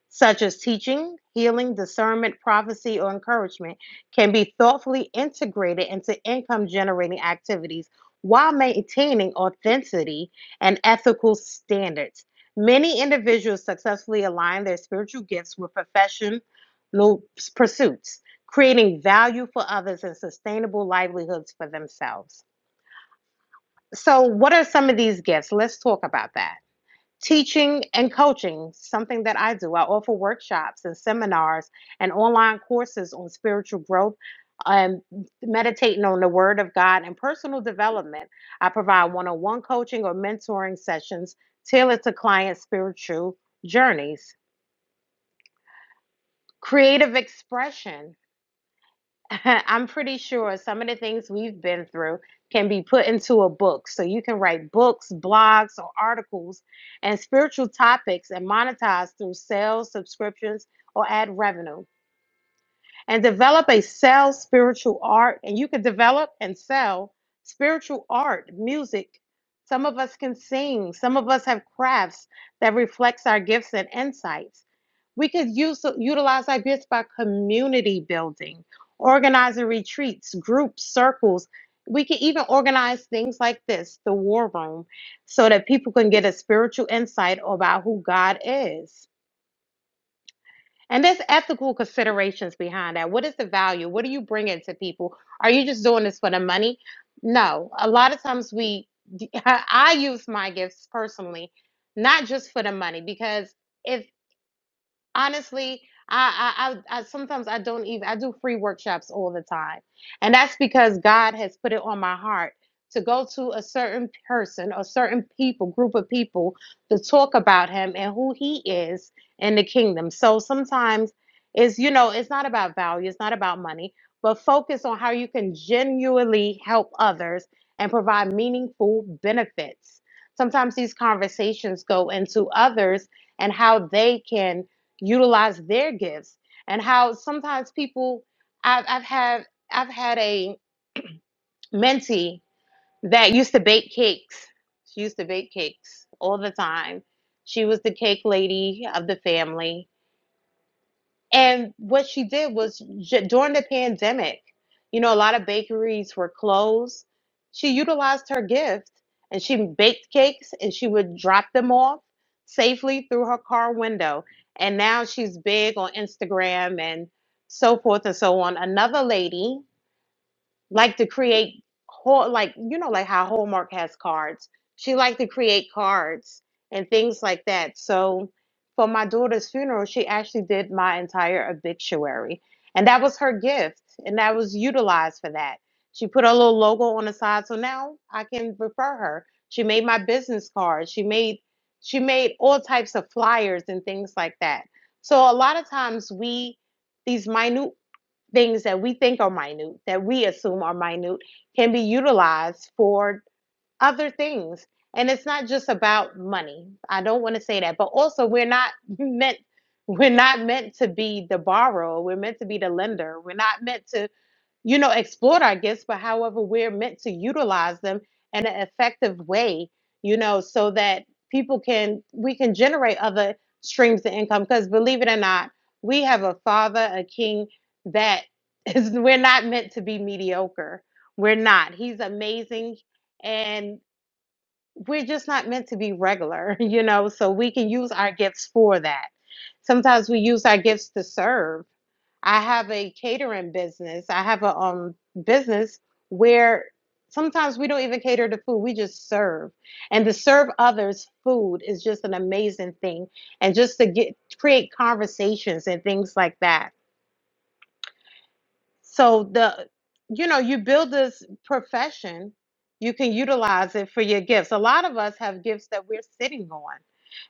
[SPEAKER 11] such as teaching, healing, discernment, prophecy, or encouragement, can be thoughtfully integrated into income generating activities while maintaining authenticity and ethical standards. Many individuals successfully align their spiritual gifts with professional pursuits, creating value for others and sustainable livelihoods for themselves. So, what are some of these gifts? Let's talk about that. Teaching and coaching, something that I do. I offer workshops and seminars and online courses on spiritual growth and meditating on the Word of God and personal development. I provide one on one coaching or mentoring sessions tailored to clients' spiritual journeys. Creative expression. (laughs) I'm pretty sure some of the things we've been through can be put into a book. So you can write books, blogs, or articles and spiritual topics and monetize through sales, subscriptions, or ad revenue. And develop a sell spiritual art. And you can develop and sell spiritual art, music. Some of us can sing. Some of us have crafts that reflects our gifts and insights. We could use utilize our gifts by community building, organizing retreats, groups, circles. We can even organize things like this, the war room, so that people can get a spiritual insight about who God is. And there's ethical considerations behind that. What is the value? What are you bringing to people? Are you just doing this for the money? No. A lot of times we, (laughs) I use my gifts personally, not just for the money, because if honestly I, I i I- sometimes i don't even i do free workshops all the time and that's because god has put it on my heart to go to a certain person or certain people group of people to talk about him and who he is in the kingdom so sometimes it's you know it's not about value it's not about money but focus on how you can genuinely help others and provide meaningful benefits sometimes these conversations go into others and how they can utilize their gifts and how sometimes people I've, I've had I've had a mentee that used to bake cakes. She used to bake cakes all the time. She was the cake lady of the family and what she did was j- during the pandemic, you know, a lot of bakeries were closed. She utilized her gift and she baked cakes and she would drop them off safely through her car window. And now she's big on Instagram and so forth and so on. Another lady like to create whole like you know like how Hallmark has cards. She liked to create cards and things like that. So for my daughter's funeral, she actually did my entire obituary. And that was her gift and that was utilized for that. She put a little logo on the side so now I can refer her. She made my business cards. She made she made all types of flyers and things like that. So a lot of times we these minute things that we think are minute, that we assume are minute, can be utilized for other things. And it's not just about money. I don't want to say that, but also we're not (laughs) meant we're not meant to be the borrower. We're meant to be the lender. We're not meant to you know, exploit our gifts, but however we're meant to utilize them in an effective way, you know, so that people can, we can generate other streams of income. Because believe it or not, we have a father, a king that is, (laughs) we're not meant to be mediocre. We're not. He's amazing. And we're just not meant to be regular, (laughs) you know, so we can use our gifts for that. Sometimes we use our gifts to serve I have a catering business. I have a um business where sometimes we don't even cater to food. We just serve. And to serve others food is just an amazing thing. And just to get create conversations and things like that. So the you know, you build this profession, you can utilize it for your gifts. A lot of us have gifts that we're sitting on.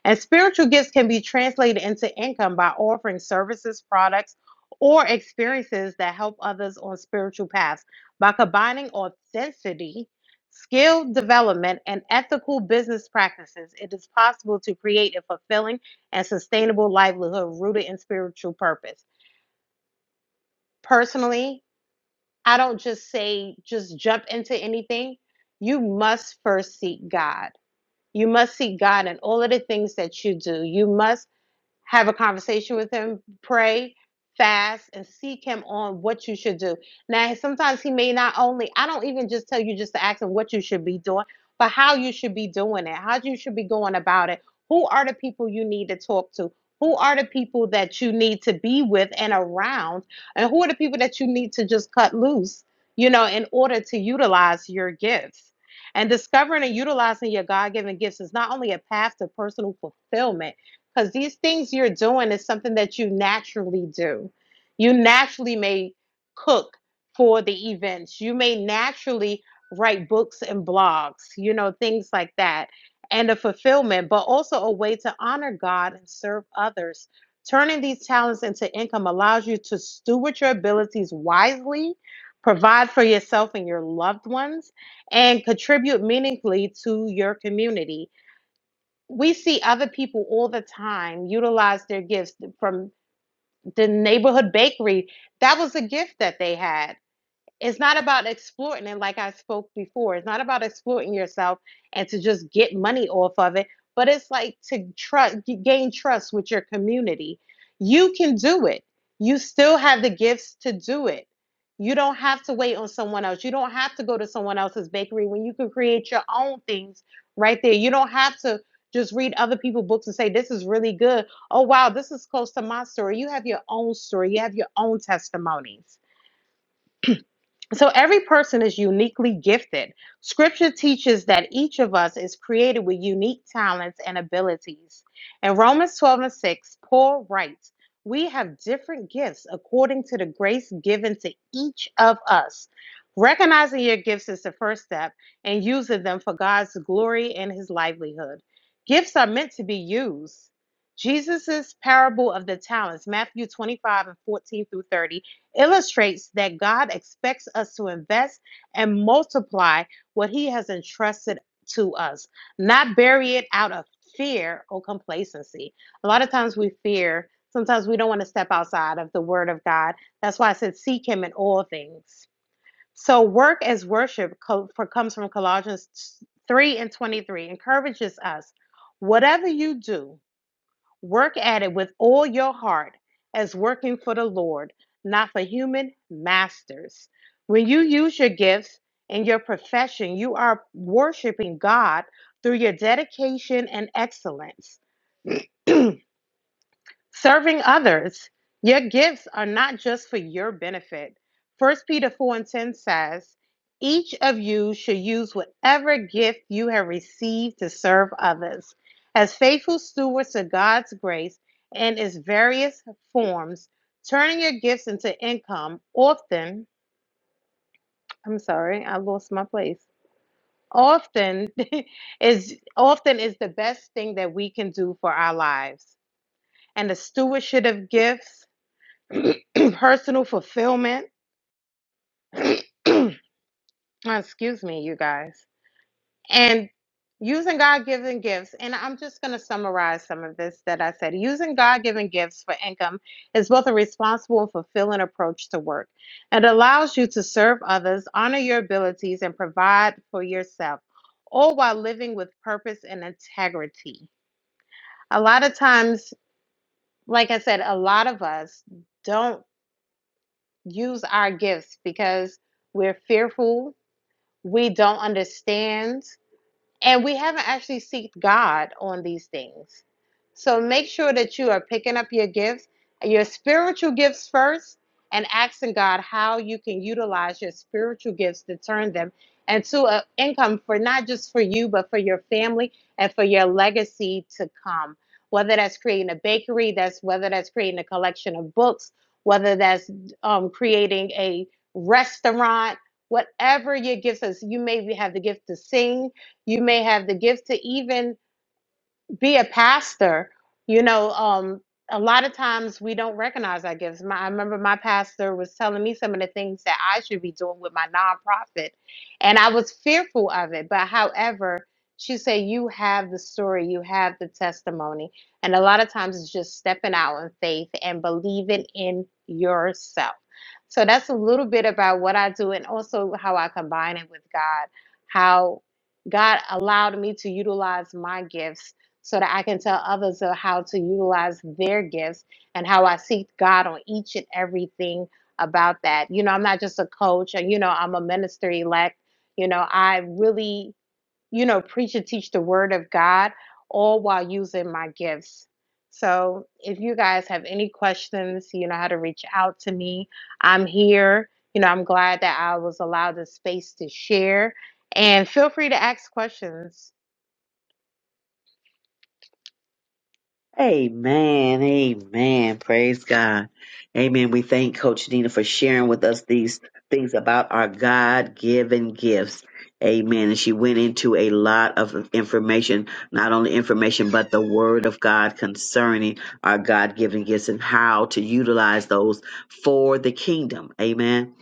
[SPEAKER 11] And spiritual gifts can be translated into income by offering services, products, or experiences that help others on spiritual paths. By combining authenticity, skill development, and ethical business practices, it is possible to create a fulfilling and sustainable livelihood rooted in spiritual purpose. Personally, I don't just say, just jump into anything. You must first seek God. You must seek God in all of the things that you do. You must have a conversation with him, pray, fast, and seek him on what you should do. Now, sometimes he may not only, I don't even just tell you just to ask him what you should be doing, but how you should be doing it, how you should be going about it. Who are the people you need to talk to? Who are the people that you need to be with and around? And who are the people that you need to just cut loose, you know, in order to utilize your gifts? And discovering and utilizing your God given gifts is not only a path to personal fulfillment because these things you're doing is something that you naturally do. You naturally may cook for the events, you may naturally write books and blogs, you know, things like that, and a fulfillment, but also a way to honor God and serve others. Turning these talents into income allows you to steward your abilities wisely, provide for yourself and your loved ones, and contribute meaningfully to your community we see other people all the time utilize their gifts from the neighborhood bakery. That was a gift that they had it's not about exploiting it like i spoke before it's not about exploiting yourself and to just get money off of it but it's like to trust gain trust with your community you can do it you still have the gifts to do it you don't have to wait on someone else you don't have to go to someone else's bakery when you can create your own things right there you don't have to just read other people's books and say this is really good oh wow this is close to my story you have your own story you have your own testimonies so every person is uniquely gifted. Scripture teaches that each of us is created with unique talents and abilities. In Romans 12 and 6, Paul writes, We have different gifts according to the grace given to each of us. Recognizing your gifts is the first step and using them for God's glory and his livelihood. Gifts are meant to be used. Jesus' parable of the talents, Matthew 25 and 14 through 30, illustrates that God expects us to invest and multiply what He has entrusted to us, not bury it out of fear or complacency. A lot of times we fear, sometimes we don't want to step outside of the Word of God. That's why I said, Seek Him in all things. So, work as worship co- for, comes from Colossians 3 and 23, encourages us. Whatever you do, Work at it with all your heart as working for the Lord, not for human masters. When you use your gifts and your profession, you are worshiping God through your dedication and excellence. Serving others. Your gifts are not just for your benefit. First Peter 4 and 10 says, Each of you should use whatever gift you have received to serve others. As faithful stewards of God's grace in its various forms, turning your gifts into income often, I'm sorry, I lost my place. Often (laughs) is often is the best thing that we can do for our lives. And the stewardship of gifts (clears throat) personal fulfillment. (clears throat) Excuse me, you guys. And using God given gifts. And I'm just going to summarize some of this that I said. Using God given gifts for income is both a responsible and fulfilling approach to work. It allows you to serve others, honor your abilities, and provide for yourself, all while living with purpose and integrity. A lot of times, like I said, a lot of us don't use our gifts because we're fearful we don't understand and we haven't actually sought God on these things. So make sure that you are picking up your gifts, your spiritual gifts first, and asking God how you can utilize your spiritual gifts to turn them into an income for not just for you, but for your family and for your legacy to come. Whether that's creating a bakery, that's whether that's creating a collection of books, whether that's um, creating a restaurant, whatever your gifts is. You maybe have the gift to sing you may have the gift to even be a pastor you know um a lot of times we don't recognize our gifts my, i remember my pastor was telling me some of the things that i should be doing with my nonprofit and i was fearful of it but however she said you have the story you have the testimony and a lot of times it's just stepping out in faith and believing in yourself so that's a little bit about what i do and also how i combine it with god how God allowed me to utilize my gifts so that I can tell others of how to utilize their gifts and how I seek God on each and everything about that. You know, I'm not just a coach, and you know, I'm a minister elect. You know, I really, you know, preach and teach the word of God all while using my gifts. So, if you guys have any questions, you know how to reach out to me. I'm here. You know, I'm glad that I was allowed the space to share. And feel free to ask questions.
[SPEAKER 2] Amen. Amen. Praise God. Amen. We thank Coach Nina for sharing with us these things about our God given gifts. Amen. And she went into a lot of information, not only information, but the word of God concerning our God given gifts and how to utilize those for the kingdom. Amen.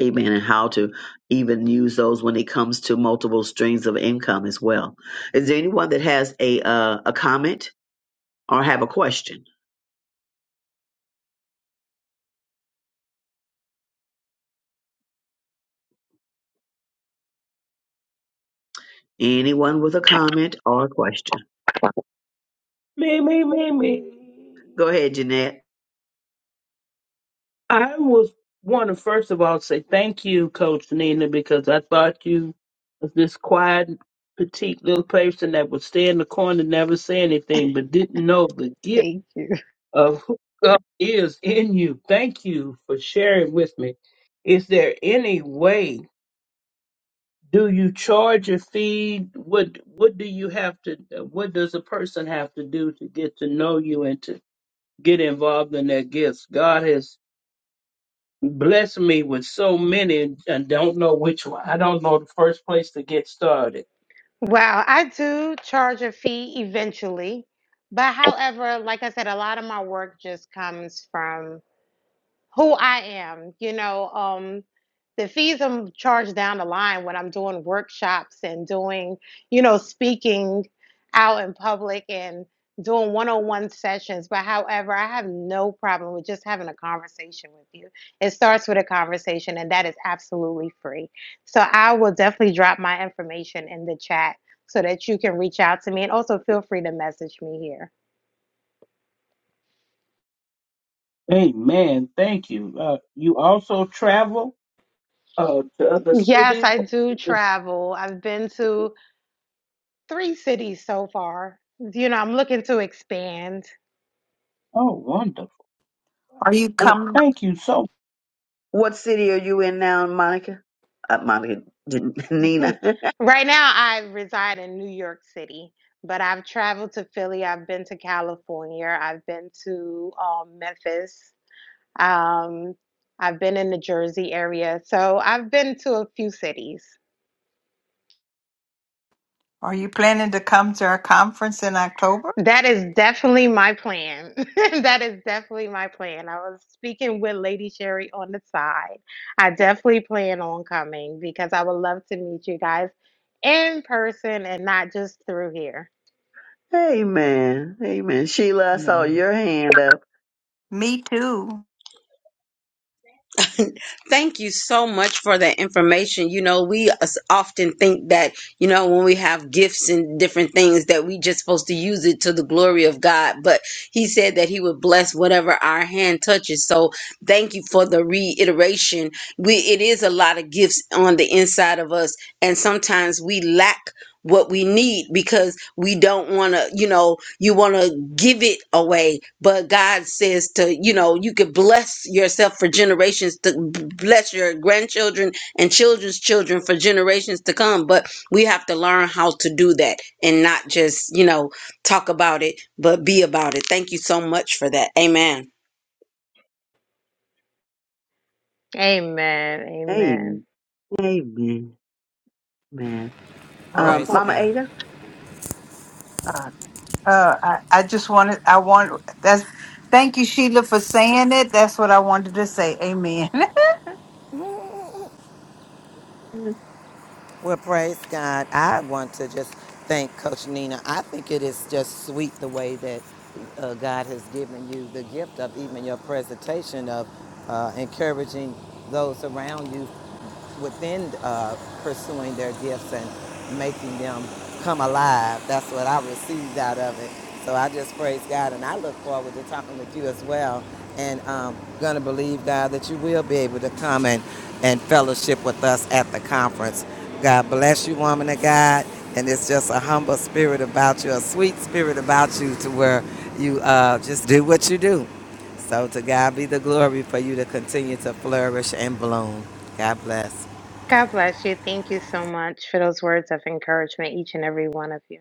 [SPEAKER 2] Amen. And how to even use those when it comes to multiple streams of income as well. Is there anyone that has a uh, a comment? or have a question. Anyone with a comment or a question.
[SPEAKER 6] Me, me, me, me.
[SPEAKER 2] Go ahead, Jeanette.
[SPEAKER 6] I was want to first of all say thank you, Coach Nina, because I thought you was this quiet, petite little person that would stay in the corner, never say anything, but didn't know the gift
[SPEAKER 11] Thank you.
[SPEAKER 6] of who God is in you. Thank you for sharing with me. Is there any way? Do you charge a fee? What What do you have to? What does a person have to do to get to know you and to get involved in their gifts? God has Bless me with so many and don't know which one. I don't know the first place to get started.
[SPEAKER 11] Well, I do charge a fee eventually, but however, like I said, a lot of my work just comes from who I am. You know, um, the fees I'm charged down the line when I'm doing workshops and doing, you know, speaking out in public and doing one-on-one sessions. But however, I have no problem with just having a conversation with you. It starts with a conversation, and that is absolutely free. So I will definitely drop my information in the chat. So that you can reach out to me and also feel free to message me here.
[SPEAKER 6] Amen. Thank you. Uh, you also travel uh, to other
[SPEAKER 11] Yes,
[SPEAKER 6] cities?
[SPEAKER 11] I do travel. I've been to three cities so far. You know, I'm looking to expand.
[SPEAKER 6] Oh, wonderful.
[SPEAKER 1] Are you
[SPEAKER 2] And
[SPEAKER 1] coming?
[SPEAKER 6] Thank you so
[SPEAKER 2] what city are you in now, Monica? Uh, Monica, Jan- (laughs)
[SPEAKER 11] (laughs)
[SPEAKER 2] Nina. (laughs)
[SPEAKER 11] right now, I reside in New York City, but I've traveled to Philly. I've been to California. I've been to um, Memphis. Um, I've been in the Jersey area. So I've been to a few cities.
[SPEAKER 1] Are you planning to come to our conference in October?
[SPEAKER 11] That is definitely my plan. (laughs) That is definitely my plan. I was speaking with Lady Sherry on the side. I definitely plan on coming because I would love to meet you guys in person and not just through here.
[SPEAKER 2] Amen. Amen. Sheila, I saw your hand up.
[SPEAKER 1] Me too.
[SPEAKER 12] (laughs) Thank you so much for that information. You know, we as- often think that, you know, when we have gifts and different things that we just supposed to use it to the glory of God, but he said that he would bless whatever our hand touches. So, thank you for the reiteration. We it is a lot of gifts on the inside of us and sometimes we lack what we need because we don't want to, you know, you want to give it away. But God says to, you know, you could bless yourself for generations to bless your grandchildren and children's children for generations to come. But we have to learn how to do that and not just, you know, talk about it, but be about it. Thank you so much for that. Amen.
[SPEAKER 11] Amen. Amen.
[SPEAKER 2] Amen. Amen. Man.
[SPEAKER 1] Well, of
[SPEAKER 2] Um,
[SPEAKER 10] Praise
[SPEAKER 2] Mama
[SPEAKER 1] course.
[SPEAKER 10] God.
[SPEAKER 2] Ada,
[SPEAKER 1] Uh, I, I just wanted, I want, that's, thank you, Sheila, for saying it. That's what I wanted to say. Amen. (laughs)
[SPEAKER 10] Well, praise God. I want to just thank Coach Nina. I think it is just sweet the way that uh, God has given you the gift of even your presentation of uh, encouraging those around you within uh, pursuing their gifts and making them come alive. That's what I received out of it. So I just praise God, and I look forward to talking with you as well. And um, gonna believe God that you will be able to come and, and fellowship with us at the conference. God bless you, woman of God. And it's just a humble spirit about you, a sweet spirit about you, to where you uh, just do what you do. So to God be the glory for you to continue to flourish and bloom. God bless.
[SPEAKER 11] God bless you. Thank you so much for those words of encouragement, each and every one of you.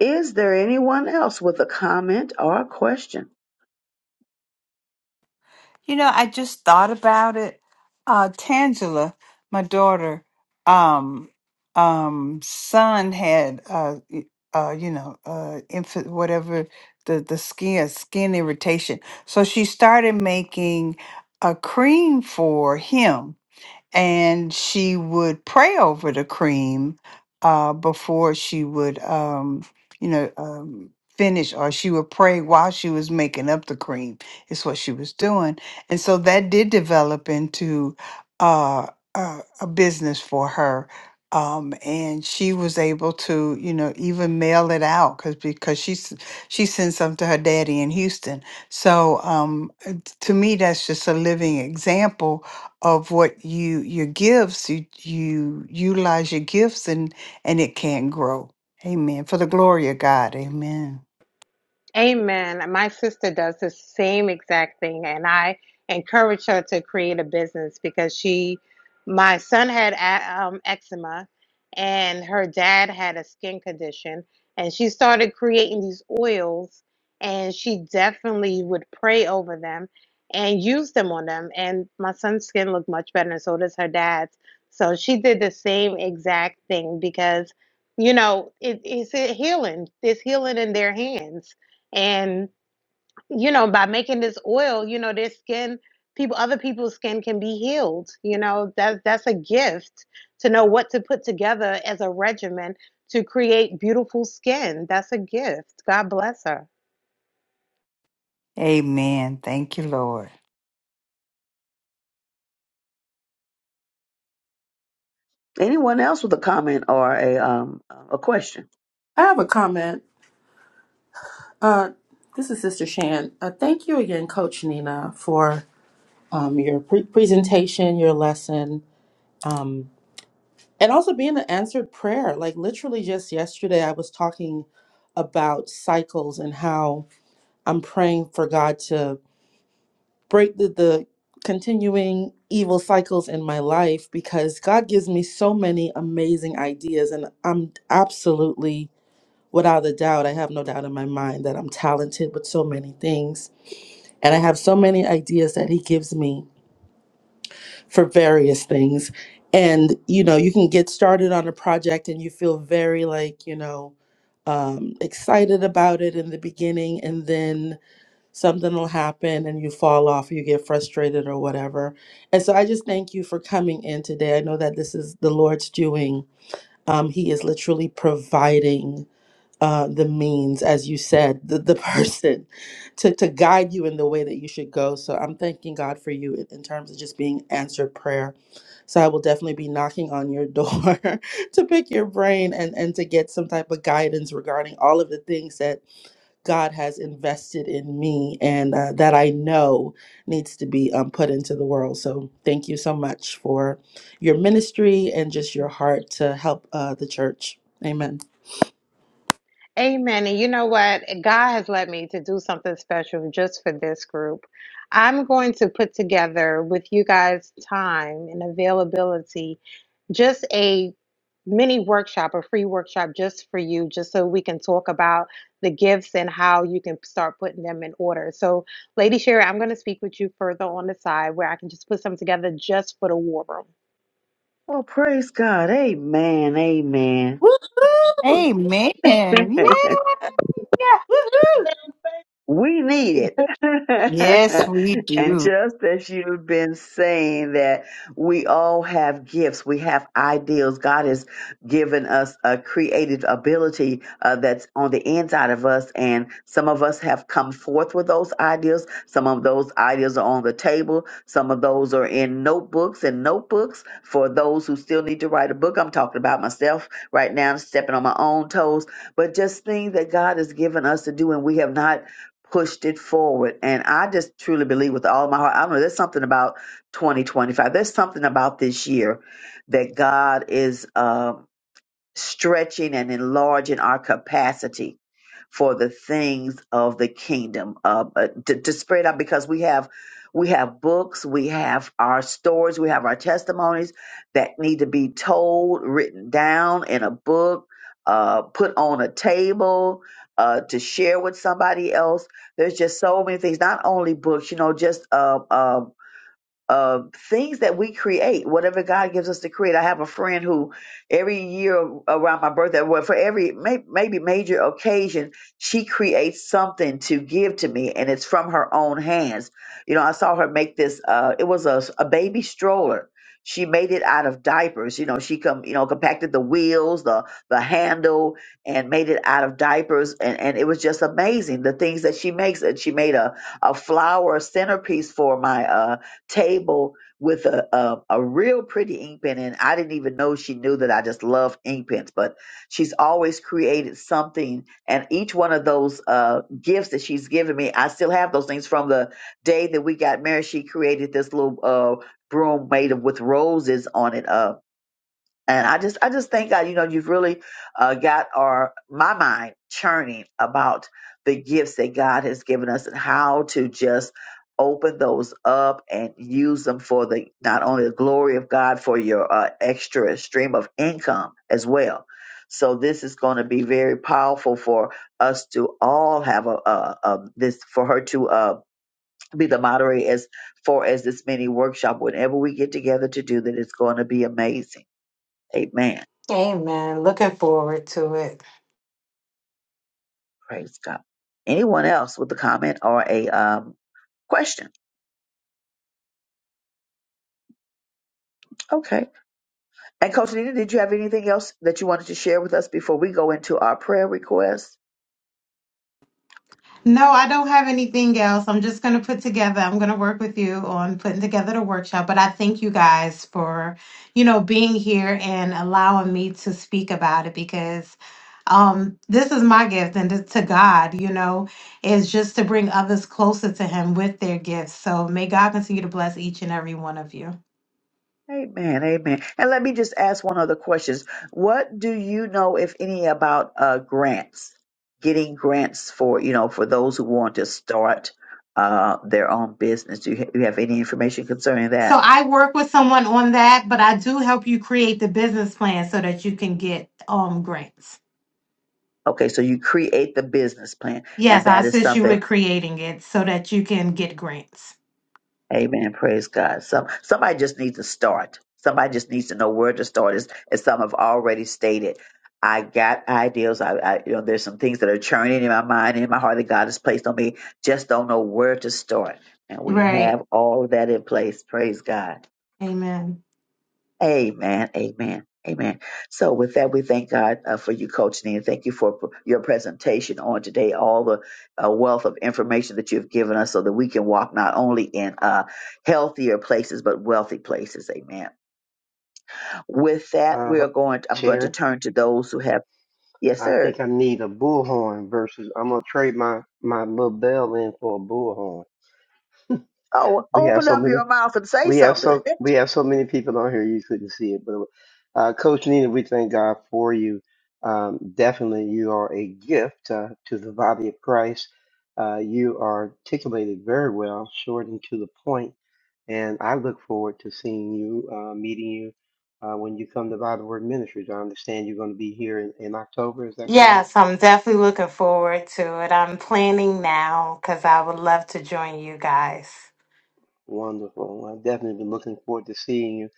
[SPEAKER 2] is there anyone else with a comment or a question?
[SPEAKER 1] you know, I just thought about it. Uh, Tangela, my daughter, um, um, son had, uh, y- uh, you know, uh, infant, whatever the, the skin, skin irritation. So she started making a cream for him and she would pray over the cream uh, before she would, um, you know, um, finish, or she would pray while she was making up the cream. Is what she was doing, and so that did develop into uh, a, a business for her. Um, and she was able to, you know, even mail it out because because she s- she sent some to her daddy in Houston. So um, uh, t- to me, that's just a living example of what you your gifts you you utilize your gifts and and it can grow amen for the glory of god amen
[SPEAKER 11] Amen. My sister does the same exact thing, and I encourage her to create a business because she, my son had a- um, eczema, and her dad had a skin condition, and she started creating these oils, and she definitely would pray over them and use them on them, and my son's skin looked much better, and so does her dad's. So she did the same exact thing because, you know, it, it's a healing. It's healing in their hands and you know by making this oil you know their skin people other people's skin can be healed you know that that's a gift to know what to put together as a regimen to create beautiful skin that's a gift god bless her
[SPEAKER 1] amen thank you lord
[SPEAKER 2] Anyone else with a comment or a um a question?
[SPEAKER 7] I have a comment. Uh, this is Sister Shan. Uh, thank you again, Coach Nina, for um, your pre- presentation, your lesson, um, and also being an answered prayer. Like literally just yesterday, I was talking about cycles and how I'm praying for God to break the, the continuing evil cycles in my life because God gives me so many amazing ideas, and I'm absolutely without a doubt, I have no doubt in my mind that I'm talented with so many things And I have so many ideas that he gives me for various things. And, you know, you can get started on a project and you feel very like, you know, um, excited about it in the beginning. And then something will happen and you fall off, you get frustrated or whatever. And so I just thank you for coming in today. I know that this is the Lord's doing. Um, he is literally providing uh, the means, as you said, the, the (laughs) person to, to guide you in the way that you should go. So I'm thanking God for you in in terms of just being answered prayer. So I will definitely be knocking on your door (laughs) to pick your brain and, and to get some type of guidance regarding all of the things that God has invested in me and uh, that I know needs to be um, put into the world. So thank you so much for your ministry and just your heart to help uh, the church. Amen.
[SPEAKER 11] Amen. And you know what? God has led me to do something special just for this group. I'm going to put together with you guys time and availability, just a mini workshop, a free workshop just for you, just so we can talk about the gifts and how you can start putting them in order. So, Lady Sherry, I'm going to speak with you further on the side where I can just put some together just for the war room
[SPEAKER 2] Well, praise God. Amen. Amen.
[SPEAKER 7] Woo!
[SPEAKER 1] amen
[SPEAKER 2] (laughs)
[SPEAKER 1] yeah
[SPEAKER 7] Woohoo!
[SPEAKER 6] much.
[SPEAKER 2] We need it.
[SPEAKER 1] yes
[SPEAKER 2] (laughs)
[SPEAKER 1] we
[SPEAKER 2] and
[SPEAKER 1] do
[SPEAKER 2] just as you've been saying that we all have gifts, we have ideals. God has given us a creative ability uh, that's on the inside of us. And some of us have come forth with those ideals. Some of those ideas are on the table. Some of those are in notebooks and notebooks for those who still need to write a book. I'm talking about myself right now, stepping on my own toes, but just things that God has given us to do and we have not pushed it forward. And I just truly believe with all my heart, I don't know, there's something about 2025. There's something about this year that God is. um stretching and enlarging our capacity for the things of the kingdom uh, uh, to, to spread out because we have we have books we have our stories we have our testimonies that need to be told written down in a book uh, put on a table uh, to share with somebody else there's just so many things not only books you know just uh, uh, uh, things that we create, whatever God gives us to create. I have a friend who every year around my birthday, well, for every may, maybe major occasion, she creates something to give to me, and it's from her own hands. You know, I saw her make this. Uh, it was a, a baby stroller. She made it out of diapers. You know, she come, you know, compacted the wheels, the the handle, and made it out of diapers, and and it was just amazing the things that she makes. And she made a a flower centerpiece for my. uh table with a, a, a real pretty ink pen. And I didn't even know she knew that I just love ink pens, but she's always created something. And each one of those uh, gifts that she's given me, I still have those things from the day that we got married. She created this little uh, broom made of with roses on it. Uh, and I just, I just thank God, you know, you've really uh, got our my mind churning about the gifts that God has given us and how to just open those up and use them for the not only the glory of God for your uh, extra stream of income as well. So this is going to be very powerful for us to all have a, a, a this for her to uh, be the moderator as far as this mini workshop. Whenever we get together to do that, it's going to be amazing. Amen. Praise God. Anyone else with a comment or a um, question? Okay. And Coach Nina, did you have anything else that you wanted to share with us before we go into our prayer request?
[SPEAKER 11] No, I don't have anything else. I'm just going to put together, I'm going to work with you on putting together the workshop. But I thank you guys for, you know, being here and allowing me to speak about it because um, this is my gift and to to God, you know is just to bring others closer to Him with their gifts. So may God continue to bless each and every one of you.
[SPEAKER 2] Amen. Amen. And let me just ask one other question. What do you know, if any, about uh, grants? Getting grants for you know for those who want to start uh, their own business. Do you, ha- you have any information concerning
[SPEAKER 11] So
[SPEAKER 2] that?
[SPEAKER 11] I work with someone on that, but I do help you create the business plan so that you can get um grants.
[SPEAKER 2] Okay, so you create the business plan,
[SPEAKER 11] Yes,
[SPEAKER 2] and
[SPEAKER 11] I
[SPEAKER 2] that is
[SPEAKER 11] assist you
[SPEAKER 2] something
[SPEAKER 11] with creating it so that you can get grants.
[SPEAKER 2] Amen. Praise God. Some somebody just needs to start. Somebody just needs to know where to start. As, as some have already stated, I got ideas. I, I you know there's some things that are churning in my mind and in my heart that God has placed on me. Just don't know where to start. And we
[SPEAKER 11] Right.
[SPEAKER 2] have all of that in place. Praise God.
[SPEAKER 11] Amen.
[SPEAKER 2] Amen. Amen. Amen. So, with that, we thank God uh, for you, Coach Nina. Thank you for p- your presentation on today, all the uh, wealth of information that you've given us so that we can walk not only in uh, healthier places, but wealthy places. Amen. With that, we
[SPEAKER 5] Uh,
[SPEAKER 2] are going, to, I'm going to
[SPEAKER 5] Sharon.
[SPEAKER 2] turn to those who have, yes,
[SPEAKER 5] I
[SPEAKER 2] sir.
[SPEAKER 5] think I need a bullhorn versus I'm gonna trade my my little bell in for a bullhorn.
[SPEAKER 2] Oh,
[SPEAKER 5] We have
[SPEAKER 2] open
[SPEAKER 5] so
[SPEAKER 2] up
[SPEAKER 5] many
[SPEAKER 2] your mouth and say
[SPEAKER 5] we have
[SPEAKER 2] something.
[SPEAKER 5] so we have so many people on here you couldn't see it, but uh, Coach Nina, we thank God for you. Um, definitely, you are a gift uh, to the body of Christ. Uh, you are articulated very well, short and to the point, and I look forward to seeing you, uh, meeting you uh, when you come to Bible Word Ministries. I understand you're going to be here in, in October. Is that correct?
[SPEAKER 11] Yes, I'm definitely looking forward to it. I'm planning now because I would love to join you guys.
[SPEAKER 5] Wonderful. Well, I've definitely been looking forward to seeing you.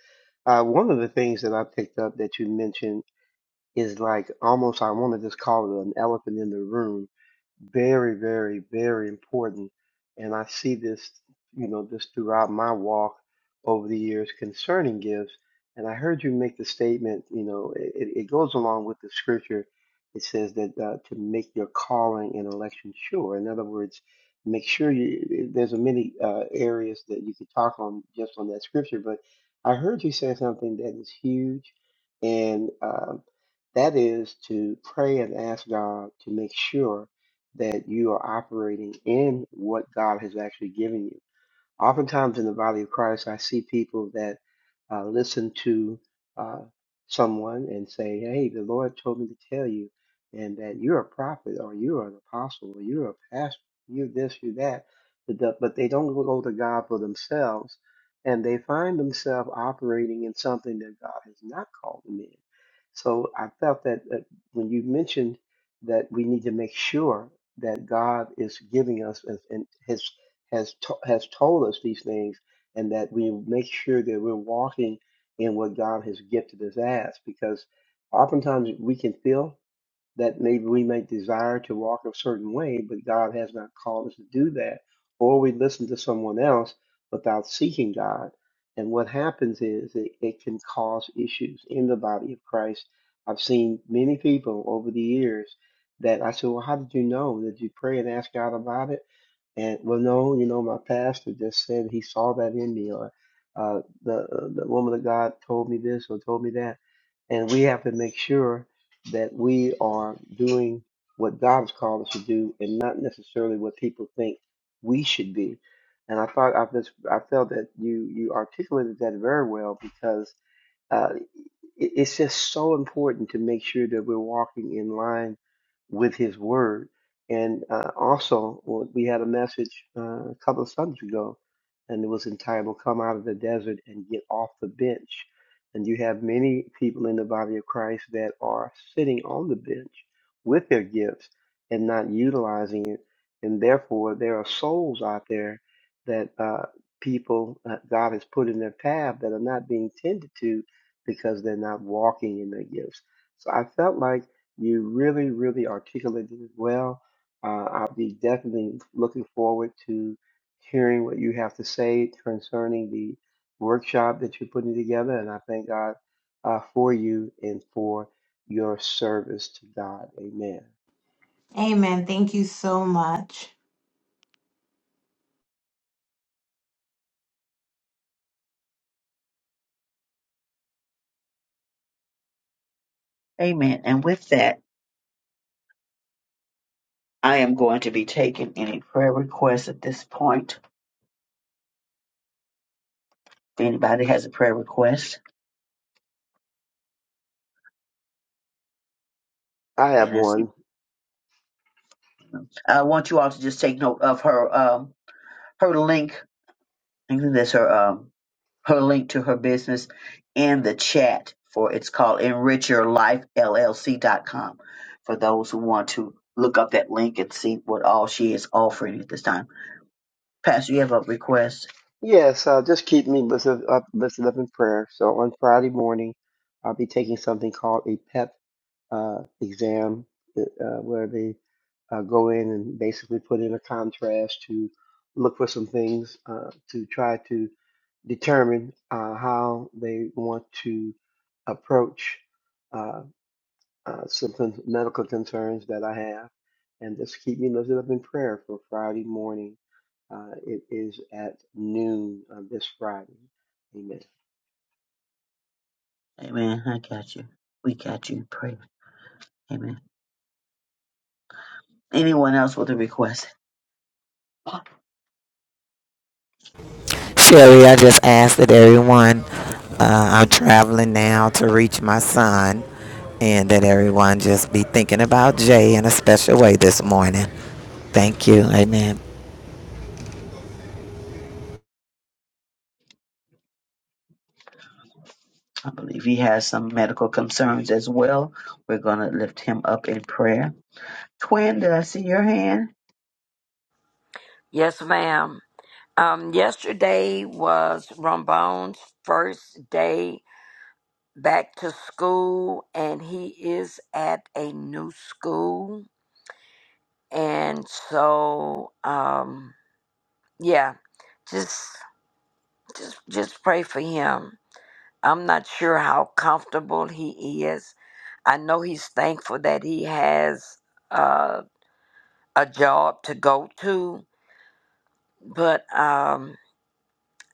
[SPEAKER 5] Uh, one of the things that I picked up that you mentioned is like almost I want to just call it an elephant in the room. Very, very, very important. And I see this, you know, just throughout my walk over the years concerning gifts. And I heard you make the statement, you know, it, it it goes along with the scripture. It says that uh, to make your calling and election sure. In other words, make sure you, there's a many uh, areas that you could talk on just on that scripture. But I heard you say something that is huge and uh, that is to pray and ask God to make sure that you are operating in what God has actually given you. Oftentimes in the body of Christ, I see people that uh, listen to uh, someone and say, Hey, the Lord told me to tell you, and that you're a prophet, or you're an apostle, or you're a pastor, you're this, you're that. But the- but they don't go to God for themselves, and they find themselves operating in something that God has not called them in. So I felt that uh, when you mentioned that we need to make sure that God is giving us uh, and has to- has told us these things, and that we make sure that we're walking in what God has gifted us as, because oftentimes we can feel that maybe we may desire to walk a certain way, but God has not called us to do that, or we listen to someone else without seeking God, and what happens is it, it can cause issues in the body of Christ. I've seen many people over the years that I said, "Well, how did you know? Did you pray and ask God about it?" And well, no, you know, my pastor just said he saw that in me, or uh, the uh, the woman of God told me this or told me that, and we have to make sure that we are doing what God has called us to do, and not necessarily what people think we should be. And I thought I just I felt that you you articulated that very well because uh, it- it's just so important to make sure that we're walking in line with His Word. And uh, also, well, we had a message uh, a couple of Sundays ago, and it was entitled "Come Out of the Desert and Get Off the Bench." And you have many people in the body of Christ that are sitting on the bench with their gifts and not utilizing it, and therefore there are souls out there that uh, people uh, God has put in their path that are not being tended to because they're not walking in their gifts. So I felt like you really, really articulated it well. Uh, I'll be definitely looking forward to hearing what you have to say concerning the workshop that you're putting together. And I thank God uh, for you and for your service to God. Amen.
[SPEAKER 11] Amen. Thank you so much.
[SPEAKER 2] (laughs) Amen. And with that, I am going to be taking any prayer requests at this point. If anybody has a prayer request,
[SPEAKER 5] I have
[SPEAKER 2] amen.
[SPEAKER 5] one.
[SPEAKER 2] I want you all to just take note of her um, her link. I think that's her um, her link to her business in the chat for it's called enrich your life l l c dot com. for those who want to look up that link and see what all she is offering at this time. Pastor, you have a request?
[SPEAKER 5] Yes, uh, just keep me lifted up, lifted up in prayer. So on Friday morning, I'll be taking something called a PEP uh, exam, uh, uh, where they uh, go in and basically put in a contrast to look for some things uh, to try to determine uh, how they want to approach. uh, uh, some con- medical concerns that I have, and just keep me lifted up in prayer for Friday morning. Uh, it is at noon uh, this Friday. Amen.
[SPEAKER 2] Amen. I got you. We got you. Pray. Amen. Anyone else with a request? I
[SPEAKER 10] Sherry, I just asked that everyone, uh, I'm traveling now to reach my son, and that everyone just be thinking about Jay in a special way this morning. Thank you. Amen.
[SPEAKER 2] believe he has some medical concerns as well. We're going to lift him up in prayer. Twin, did I see your hand?
[SPEAKER 9] Yes, ma'am. Um, yesterday was Rambone's first day back to school, and he is at a new school. And so, um, yeah, just just just pray for him I'm not sure how comfortable he is. I know he's thankful that he has uh, a job to go to, but um,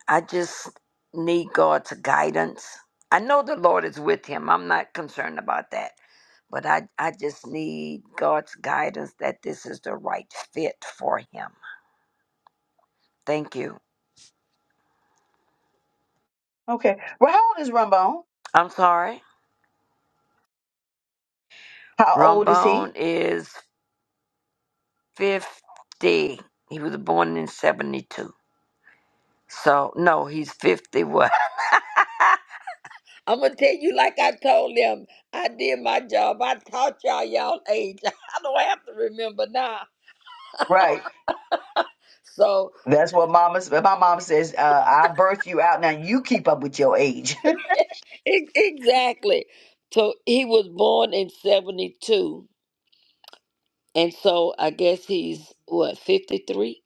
[SPEAKER 9] I just need God's guidance. I know the Lord is with him. I'm not concerned about that. But I, I just need God's guidance that this is the right fit for him. Thank you.
[SPEAKER 2] Okay. Well, how old is Rumbone?
[SPEAKER 9] I'm sorry.
[SPEAKER 2] How old is he?
[SPEAKER 9] Rombone is 50. He was born in 72. So no, he's fifty one. (laughs) I'm gonna tell you like I told them. I did my job. I taught y'all y'all age. (laughs) I don't have to remember now.
[SPEAKER 2] Right.
[SPEAKER 9] So
[SPEAKER 2] That's what mama. s- My mom says, uh, "I birthed you out. Now you keep up with your age." (laughs)
[SPEAKER 9] e- exactly. So he was born in seventy two, and so I guess he's what fifty three.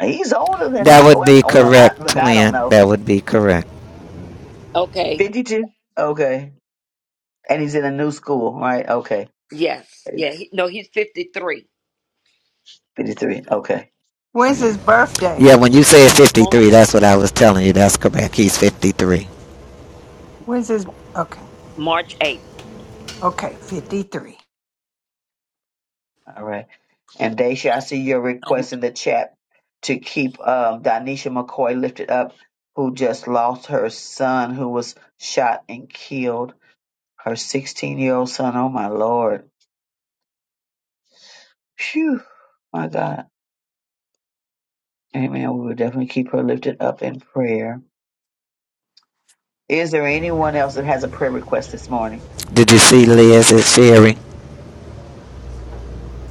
[SPEAKER 2] he's older than
[SPEAKER 10] That
[SPEAKER 2] that.
[SPEAKER 10] would
[SPEAKER 2] Well,
[SPEAKER 10] be
[SPEAKER 2] well, I,
[SPEAKER 10] correct,
[SPEAKER 2] look, I don't
[SPEAKER 10] twin.
[SPEAKER 2] know.
[SPEAKER 10] That would be correct.
[SPEAKER 9] Okay.
[SPEAKER 2] Fifty-two. Okay. And he's in a new school, right? Okay.
[SPEAKER 9] Yes. Yeah. He, no, he's fifty three.
[SPEAKER 2] Fifty-three. Okay.
[SPEAKER 1] when's his
[SPEAKER 2] Amen.
[SPEAKER 1] birthday
[SPEAKER 10] Yeah, when you said
[SPEAKER 9] March
[SPEAKER 10] 53, that's what I was telling you. That's correct. He's 53.
[SPEAKER 1] when's his okay
[SPEAKER 9] March eighth.
[SPEAKER 1] okay 53
[SPEAKER 2] All right. And Daisha, I see your
[SPEAKER 9] Um,
[SPEAKER 2] request in the chat to keep um, Donisha McCoy lifted up, who just lost her son, who was shot and killed. her 16 year old son. Oh my Lord. Phew. My God. Amen. We will definitely keep her lifted up in prayer. Is there anyone else that has a prayer request this morning?
[SPEAKER 10] Did you see Liz? It's Sherry.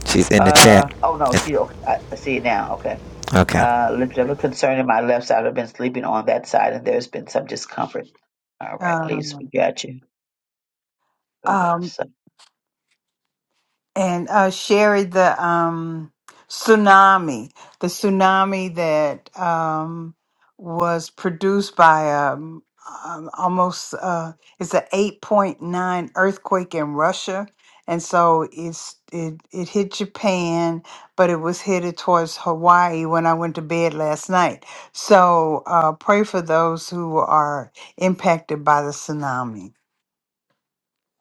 [SPEAKER 10] She's in the chat.
[SPEAKER 2] Uh oh no, she okay. I, I see it now. Okay.
[SPEAKER 10] Okay.
[SPEAKER 2] Uh lift up a concern in my left side. I've been sleeping on that side and there's been some discomfort. All right, Lisa, we
[SPEAKER 1] um
[SPEAKER 2] got you. Left
[SPEAKER 1] um
[SPEAKER 2] side.
[SPEAKER 1] and uh, Sherry, the um, tsunami, the tsunami that um, was produced by um, um, almost uh, it's an eight point nine earthquake in Russia, and so it's it it hit Japan, but it was headed towards Hawaii when I went to bed last night. So uh, pray for those who are impacted by the tsunami.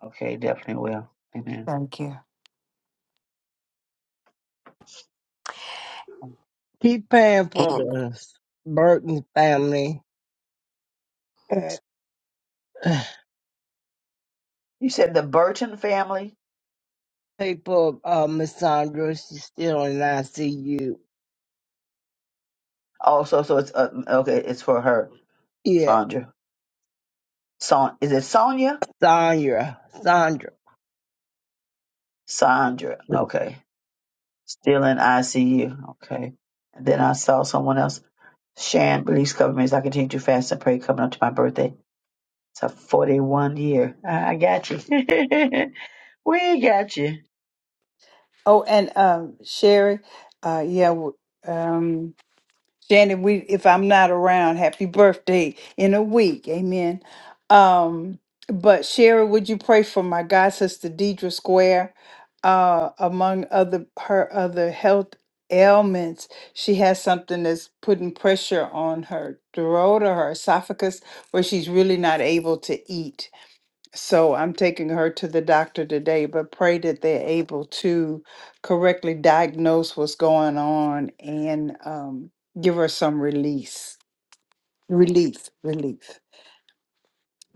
[SPEAKER 2] Okay, definitely will. Amen.
[SPEAKER 1] Thank you.
[SPEAKER 4] Keep paying for
[SPEAKER 9] And
[SPEAKER 4] this Burton family.
[SPEAKER 2] You said the Burton family?
[SPEAKER 4] People, (sighs) uh, Miss Sandra, she's still in ICU.
[SPEAKER 2] Oh, so so it's uh, okay, it's for her,
[SPEAKER 4] Yeah,
[SPEAKER 2] Sandra. Son is it Sonia?
[SPEAKER 4] Sandra, Sandra.
[SPEAKER 2] Sandra. Okay. Still in ICU. Okay. And then I saw someone else. Shan, please cover me as I continue to fast and pray coming up to my birthday. It's a 41 year. I I got you. (laughs) we got you.
[SPEAKER 1] Oh, and um, Sherry, uh, yeah, w- um, Shannon, we if I'm not around, happy birthday in a week, amen. Um, but Sherry, would you pray for my god sister Deidre Square, uh, among other her other health ailments? She has something that's putting pressure on her throat or her esophagus, where she's really not able to eat so I'm taking her to the doctor today, but pray that they're able to correctly diagnose what's going on and um, give her some release. Relief, relief.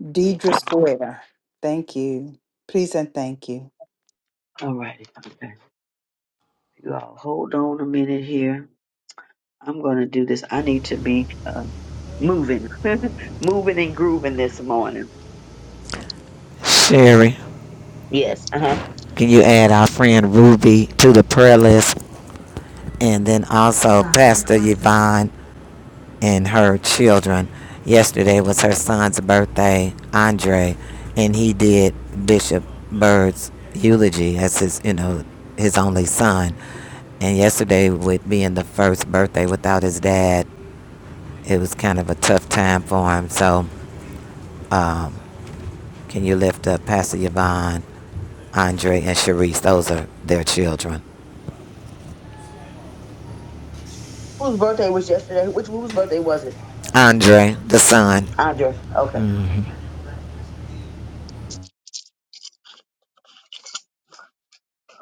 [SPEAKER 1] Deidre Square. Thank you. Please and thank you.
[SPEAKER 2] All righty. Okay. You all hold on a minute here. I'm going to do this. I need to be uh, moving, (laughs) moving and grooving this morning. So,
[SPEAKER 10] Sherry,
[SPEAKER 2] yes. Uh huh.
[SPEAKER 10] can you add our friend Ruby to the prayer list? And then also Pastor Yvonne and her children. Yesterday was her son's birthday, Andre, and he did Bishop Bird's eulogy as his, you know, his only son. And yesterday, with being the first birthday without his dad, it was kind of a tough time for him. So, um, can you lift up Pastor Yvonne, Andre, and Sharice? Those are their children.
[SPEAKER 2] Whose birthday was yesterday? Which whose birthday was it?
[SPEAKER 10] Andre, the son.
[SPEAKER 2] Andre. Okay.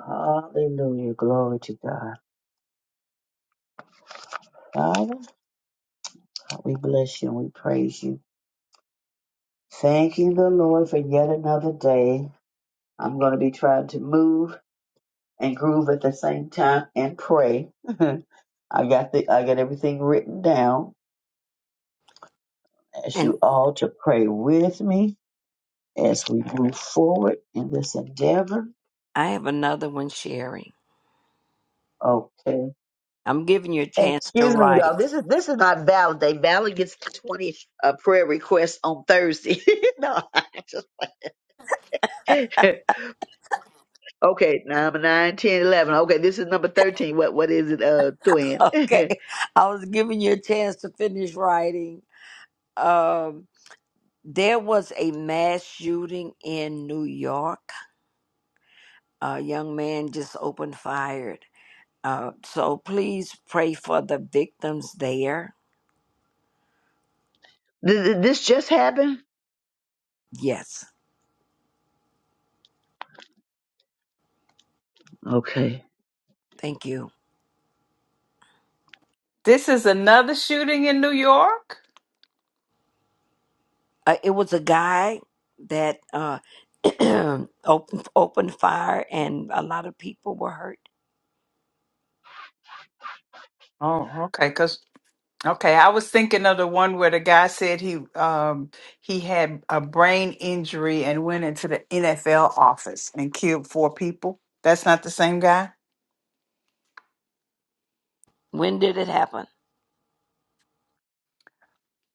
[SPEAKER 2] Hallelujah. Glory to God. Father, we bless you and we praise you. Thanking the Lord for yet another day. I'm going to be trying to move and groove at the same time and pray. (laughs) I got the I got everything written down. Ask
[SPEAKER 9] and
[SPEAKER 2] you all to pray with me as we move forward in this endeavor.
[SPEAKER 9] I have another one, Sherry.
[SPEAKER 2] Okay.
[SPEAKER 9] I'm giving you a chance to
[SPEAKER 2] Excuse me,
[SPEAKER 9] write.
[SPEAKER 2] y'all. This is this is not valid. Day Valid gets twenty uh, prayer requests on Thursday. (laughs) no, I just (laughs) Okay, number 9, 10, eleven. Okay, this is number 13. What What is it, uh, twin?
[SPEAKER 9] (laughs)
[SPEAKER 2] (laughs)
[SPEAKER 9] okay.
[SPEAKER 2] Did
[SPEAKER 9] I was giving you a chance to finish writing. Um, there was a mass shooting in New York. A young man just opened fired. Uh, so please pray for the victims there.
[SPEAKER 2] did this just happen?
[SPEAKER 9] Yes,
[SPEAKER 2] Okay.
[SPEAKER 9] thank you.
[SPEAKER 1] This is another shooting in New York?
[SPEAKER 9] Uh, it was a guy that uh, (clears throat) opened, opened fire, and a lot of people were hurt.
[SPEAKER 1] Oh, okay. Okay, I was thinking of the one where the guy said he um he had a brain injury and went into the NFL office and killed four people. That's not the same guy.
[SPEAKER 9] When did it happen?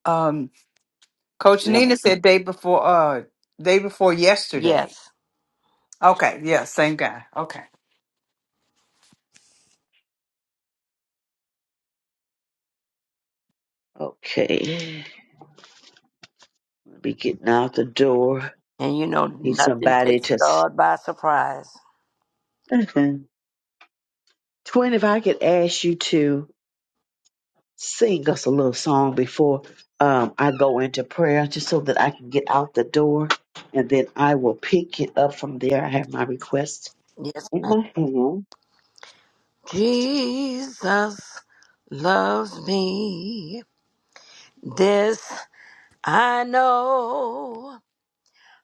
[SPEAKER 1] Um Coach
[SPEAKER 2] Wait, I'm gonna
[SPEAKER 1] Nina
[SPEAKER 2] see.
[SPEAKER 1] said day before uh day before yesterday.
[SPEAKER 9] Yes.
[SPEAKER 1] Okay, yeah, same guy. Okay.
[SPEAKER 2] Okay. Let me getting out the door.
[SPEAKER 9] And you know,
[SPEAKER 2] I need
[SPEAKER 9] nothing
[SPEAKER 2] somebody
[SPEAKER 9] takes
[SPEAKER 2] to. s-
[SPEAKER 9] God by surprise.
[SPEAKER 2] (laughs) twin, if I could ask you to sing us a little song before um, I go into prayer, just so that I can get out the door, and then I will pick it up from there. I have my request
[SPEAKER 9] Yes,
[SPEAKER 2] in my hand.
[SPEAKER 9] Jesus loves me. This I know,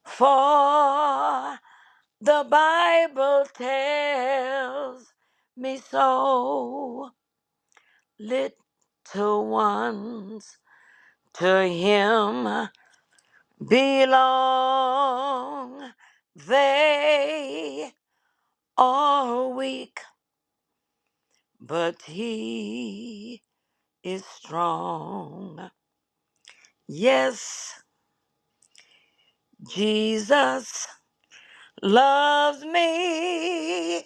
[SPEAKER 9] for the Bible tells me so. Little ones to Him belong. They are weak, but He is strong. Yes. Jesus loves me.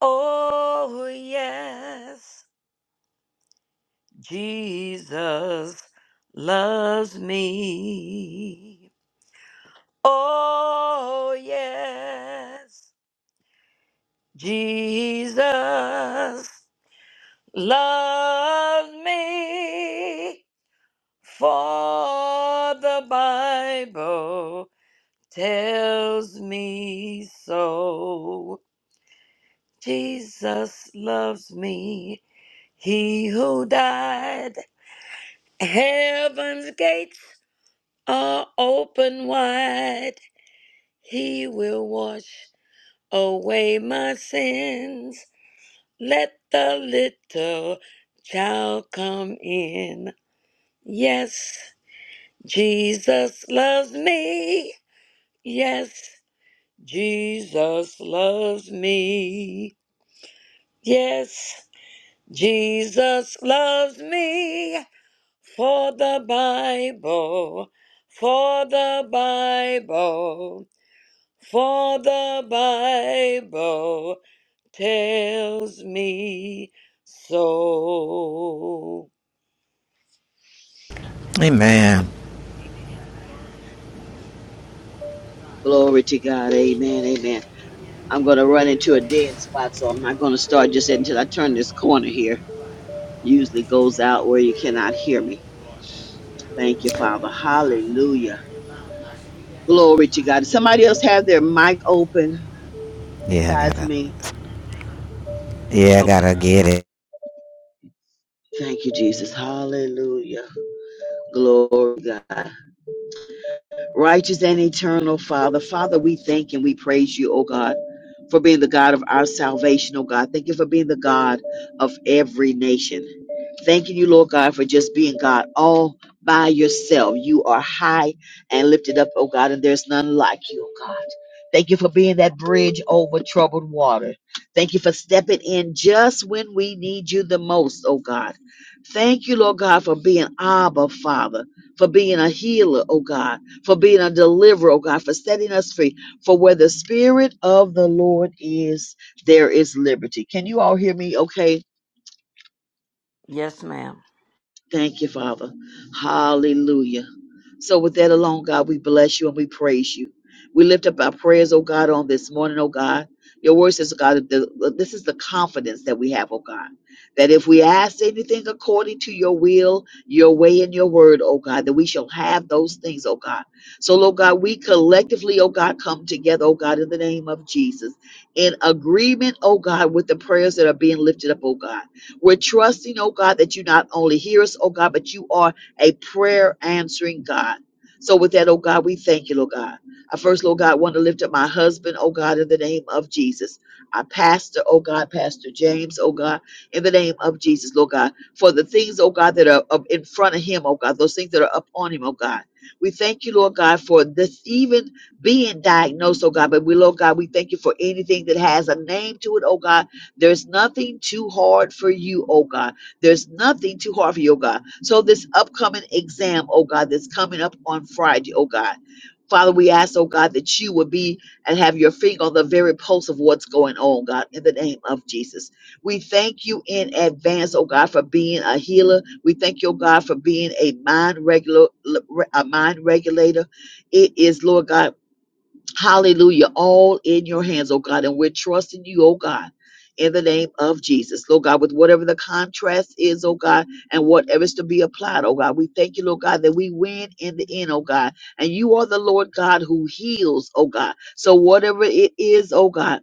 [SPEAKER 9] Oh, yes. Jesus loves me. Oh, yes. Jesus loves me. For the Bible tells me so. Jesus loves me. He who died. Heaven's gates are open wide. He will wash away my sins. Let the little child come in. Yes, Jesus loves me. Yes, Jesus loves me. Yes, Jesus loves me. for the Bible, for the Bible, for the Bible tells me so.
[SPEAKER 10] Amen.
[SPEAKER 9] Amen.
[SPEAKER 2] Glory to God. Amen. Amen. I'm gonna run into a dead spot, so I'm not gonna start just until I turn this corner here. Usually goes out where you cannot hear me. Thank you, Father. Hallelujah. Glory to God. Does somebody else have their mic open
[SPEAKER 10] Yeah, I
[SPEAKER 2] besides
[SPEAKER 10] got it.
[SPEAKER 2] me?
[SPEAKER 10] Yeah, I
[SPEAKER 2] Okay.
[SPEAKER 10] gotta get it.
[SPEAKER 2] Thank you, Jesus. Hallelujah. Glory to God. Righteous and eternal Father, Father, we thank and we praise you, oh God, for being the God of our salvation, oh God. Thank you for being the God of every nation. Thanking you, Lord God, for just being God all by yourself. You are high and lifted up, oh God, and there's none like you, oh God. Thank you for being that bridge over troubled water. Thank you for stepping in just when we need you the most, oh God. Thank you, Lord God, for being Abba, Father, for being a healer, oh God for being a deliverer, oh God, for setting us free. For where the Spirit of the Lord is, there is liberty. Can you all hear me okay?
[SPEAKER 9] Yes, ma'am.
[SPEAKER 2] Thank you, Father. Hallelujah. So, with that alone, God, we bless you and we praise you. We lift up our prayers, oh God, on this morning, oh God. Your word says, oh God, that this is the confidence that we have, oh God, that if we ask anything according to your will, your way, and your word, oh God, that we shall have those things, oh God. So, Lord God, we collectively, oh God, come together, oh God, in the name of Jesus, in agreement, oh God, with the prayers that are being lifted up, oh God. We're trusting, oh God, that you not only hear us, oh God, but you are a prayer answering God. So with that, oh God, we thank you, Lord God. I first, Lord God, want to lift up my husband, oh God, in the name of Jesus. Our pastor, oh God, Pastor James, oh God, in the name of Jesus, Lord God, for the things, oh God, that are up in front of him, oh God, those things that are upon him, oh God. We thank you, Lord God, for this even being diagnosed, oh God. But we, Lord God, we thank you for anything that has a name to it, oh God there's nothing too hard for you, oh God. There's nothing too hard for you, oh God. So this upcoming exam, oh God, that's coming up on Friday, oh God. Father, we ask, oh God, that you would be and have your finger on the very pulse of what's going on, God, in the name of Jesus. We thank you in advance, oh God, for being a healer. We thank you, oh God, for being a mind regular, a mind regulator. It is, Lord God. Hallelujah. All in your hands, oh God. And we're trusting you, oh God, in the name of Jesus. Lord God, with whatever the contrast is, oh God, and whatever's to be applied, oh God. We thank you, Lord God, that we win in the end, oh God. And you are the Lord God who heals, oh God. So whatever it is, oh God.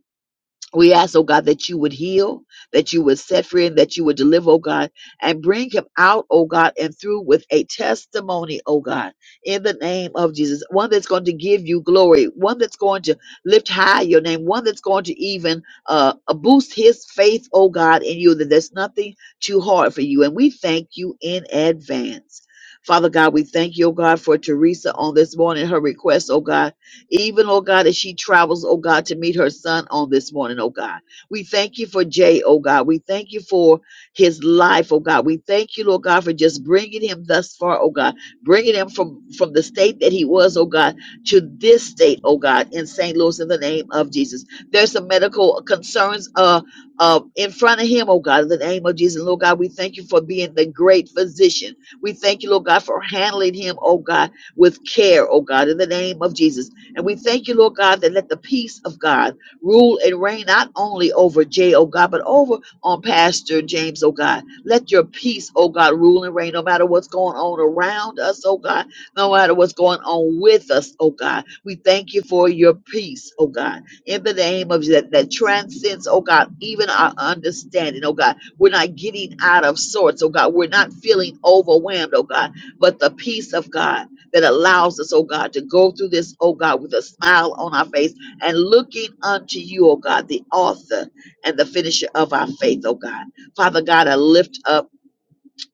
[SPEAKER 2] We ask, oh God, that you would heal, that you would set free, and that you would deliver, oh God, and bring him out, oh God, and through with a testimony, oh God, in the name of Jesus. One that's going to give you glory, one that's going to lift high your name, one that's going to even uh, uh, boost his faith, oh God, in you, that there's nothing too hard for you. And we thank you in advance. Father God, we thank you, oh God, for Teresa on this morning, her request, oh God even, oh God, as she travels, oh God, to meet her son on this morning, oh God. We thank you for Jay, oh God. We thank you for his life, oh God. We thank you, Lord God, for just bringing him thus far, oh God. Bringing him from, from the state that he was, oh God, to this state, oh God, in St. Louis, in the name of Jesus. There's some medical concerns uh, uh, in front of him, oh God, in the name of Jesus. Lord God, we thank you for being the great physician. We thank you, Lord God, for handling him, oh God, with care, oh God, in the name of Jesus. And we thank you, Lord God, that let the peace of God rule and reign not only over Jay, oh God, but over on Pastor James, oh God. Let your peace, oh God, rule and reign no matter what's going on around us, oh God, no matter what's going on with us, oh God. We thank you for your peace, oh God, in the name of that, that transcends, oh God, even our understanding, oh God. We're not getting out of sorts, oh God. We're not feeling overwhelmed, oh God, but the peace of God that allows us, oh God, to go through this, oh God, with a smile on our face and looking unto you, oh God, the author and the finisher of our faith, oh God. Father God, I lift up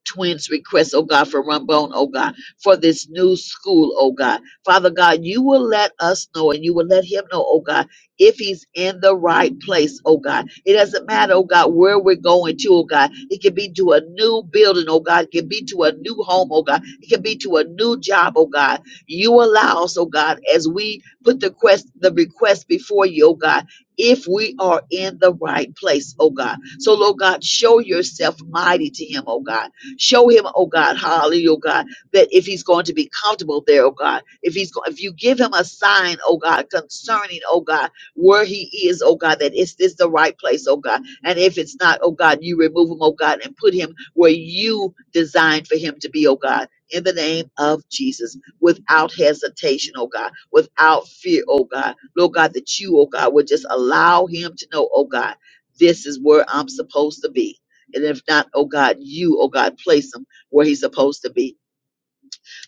[SPEAKER 2] twins request, oh God, for Rumbone, oh God, for this new school, oh God. Father God, you will let us know and you will let him know, oh God, if he's in the right place, oh God. It doesn't matter, oh God, where we're going to, oh God. It could be to a new building, oh God. It could be to a new home, oh God. It could be to a new job, oh God. You allow us, oh God, as we put the quest the request before you, oh God, if we are in the right place, oh God. So, Lord God, show yourself mighty to him, oh God Show him, oh God, hallelujah, oh God, that if he's going to be comfortable there, oh God, if he's go- if you give him a sign, oh God, concerning, oh God, where he is, oh God, that is this the right place, oh God, and if it's not, oh God, you remove him, oh God, and put him where you designed for him to be, oh God. In the name of Jesus, without hesitation, oh God, without fear, oh God, Lord God, that you, oh God, would just allow him to know, oh God, this is where I'm supposed to be and if not, oh God, you, oh God, place him where he's supposed to be.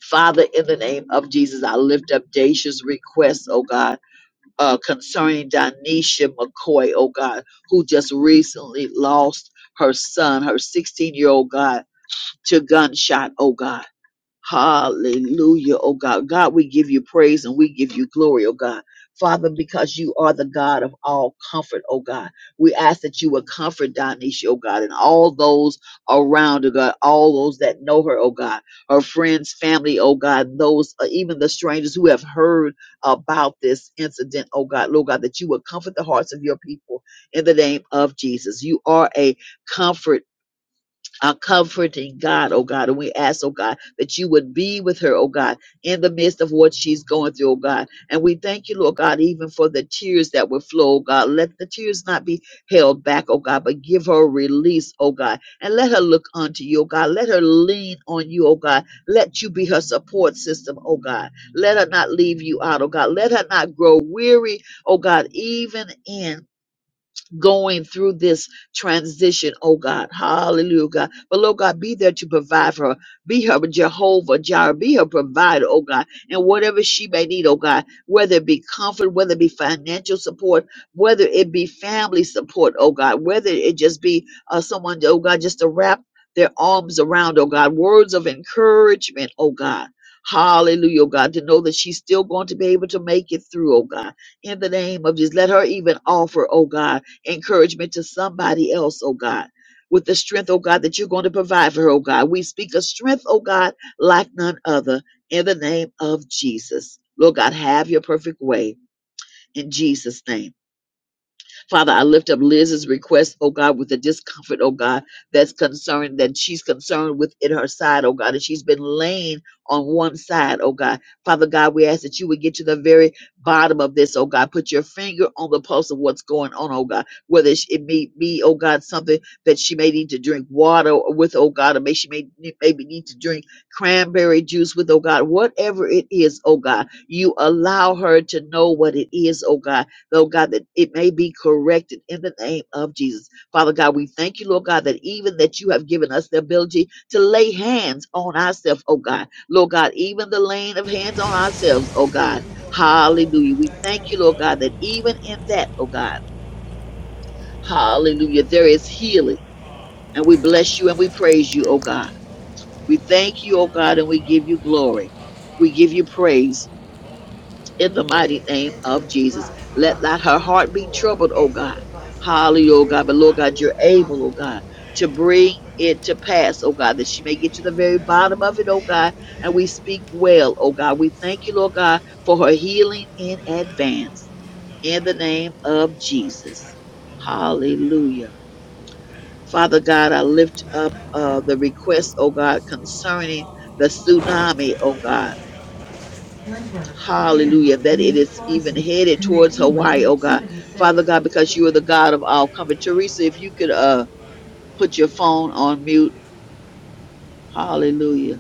[SPEAKER 2] Father, in the name of Jesus, I lift up Dacia's request, oh God, uh, concerning Donisha McCoy, oh God, who just recently lost her son, her 16 year old God, to gunshot, oh God. Hallelujah, oh God. God, we give you praise and we give you glory, oh God. Father, because you are the God of all comfort, oh God. We ask that you would comfort Donisha, oh God, and all those around, oh God, all those that know her, oh God, her friends, family, oh God, those, uh, even the strangers who have heard about this incident, oh God, Lord God, that you would comfort the hearts of your people in the name of Jesus. You are a comfort our comforting God, oh God. And we ask, oh God, that you would be with her, oh God, in the midst of what she's going through, oh God. And we thank you, Lord God, even for the tears that will flow, oh God. Let the tears not be held back, oh God, but give her release, oh God. And let her look unto you, oh God. Let her lean on you, oh God. Let you be her support system, oh God. Let her not leave you out, oh God. Let her not grow weary, oh God, even in going through this transition, oh God. Hallelujah, God. But Lord God, be there to provide for her. Be her Jehovah Jireh. Be her provider, oh God. And whatever she may need, oh God, whether it be comfort, whether it be financial support, whether it be family support, oh God, whether it just be uh, someone, oh God, just to wrap their arms around, oh God, words of encouragement, oh God. Hallelujah, oh God, to know that she's still going to be able to make it through, oh God in the name of Jesus. Let her even offer, oh God encouragement to somebody else, oh God, with the strength, oh God, that you're going to provide for her, oh God. We speak of strength, oh God, like none other, in the name of Jesus. Lord God, have your perfect way in Jesus' name. Father, I lift up Liz's request, oh God, with the discomfort, oh God, that's concerned, that she's concerned with in her side, oh God, and she's been laying on one side, oh God. Father God, we ask that you would get to the very bottom of this, oh God. Put your finger on the pulse of what's going on, oh God. Whether it's- it may be, oh God, something that she may need to drink water with, oh God, or may she may maybe need to drink cranberry juice with, oh God. Whatever it is, oh God, you allow her to know what it is, oh God Lord God, that it may be corrected in the name of Jesus. Father God, we thank you, Lord God, that even that you have given us the ability to lay hands on ourselves, oh God. Lord God, even the laying of hands on ourselves, oh God. Hallelujah. We thank you, Lord God, that even in that, oh God, hallelujah, there is healing. And we bless you and we praise you, oh God. We thank you, oh God, and we give you glory. We give you praise. in the
[SPEAKER 10] Please
[SPEAKER 2] mighty name
[SPEAKER 10] enter the
[SPEAKER 2] of Jesus.
[SPEAKER 10] bus
[SPEAKER 2] Let
[SPEAKER 10] from the
[SPEAKER 2] not her heart
[SPEAKER 10] front
[SPEAKER 2] be
[SPEAKER 10] door,
[SPEAKER 2] troubled, oh
[SPEAKER 10] exit
[SPEAKER 2] God.
[SPEAKER 10] the bus at
[SPEAKER 2] Hallelujah, oh
[SPEAKER 10] the rear
[SPEAKER 2] God. But
[SPEAKER 10] door
[SPEAKER 2] Lord God, you're
[SPEAKER 10] if
[SPEAKER 2] able, oh
[SPEAKER 10] possible.
[SPEAKER 2] God, to bring it to pass, oh God, that she may get to the very bottom of it, oh God. And we speak well, oh God. We thank you, Lord God, for her healing in advance. In the name of Jesus. Hallelujah. Father God, I lift up uh, the request, oh God, concerning the tsunami, oh God.
[SPEAKER 10] Blood and
[SPEAKER 2] Hallelujah. That it
[SPEAKER 10] New
[SPEAKER 2] is even
[SPEAKER 10] Florissant,
[SPEAKER 2] headed towards
[SPEAKER 10] connecting with
[SPEAKER 2] Hawaii, oh God. Father
[SPEAKER 10] 76
[SPEAKER 2] God, because you are the God of all comfort. Teresa, if you could uh put your phone on mute. Hallelujah.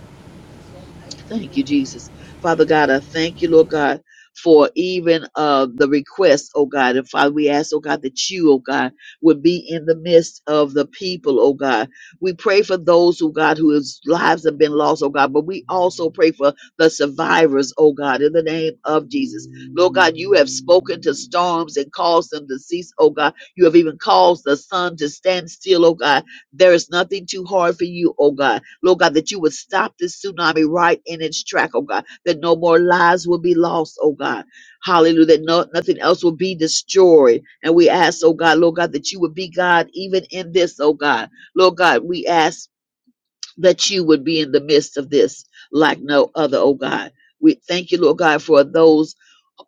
[SPEAKER 2] Thank you, Jesus. Father God, I thank you, Lord God, for even uh, the request, oh God. And Father, we ask, oh God, that you, oh God, would be in the midst of the people, oh God. We pray for those, oh God, whose lives have been lost, oh God, but we also pray for the survivors, oh God, in the name of Jesus. Lord God, you have spoken to storms and caused them to cease, oh God. You have even caused the sun to stand still, oh God. There is nothing too hard for you, oh God. Lord God, that you would stop this tsunami right in its track, oh God, that no more lives will be lost, oh God. Hallelujah, that no, nothing else will be destroyed. And we ask, oh God, Lord God, that you would be God even in this, oh God. Lord God, we ask that you would be in the midst of this like no other, oh God. We thank you, Lord God, for those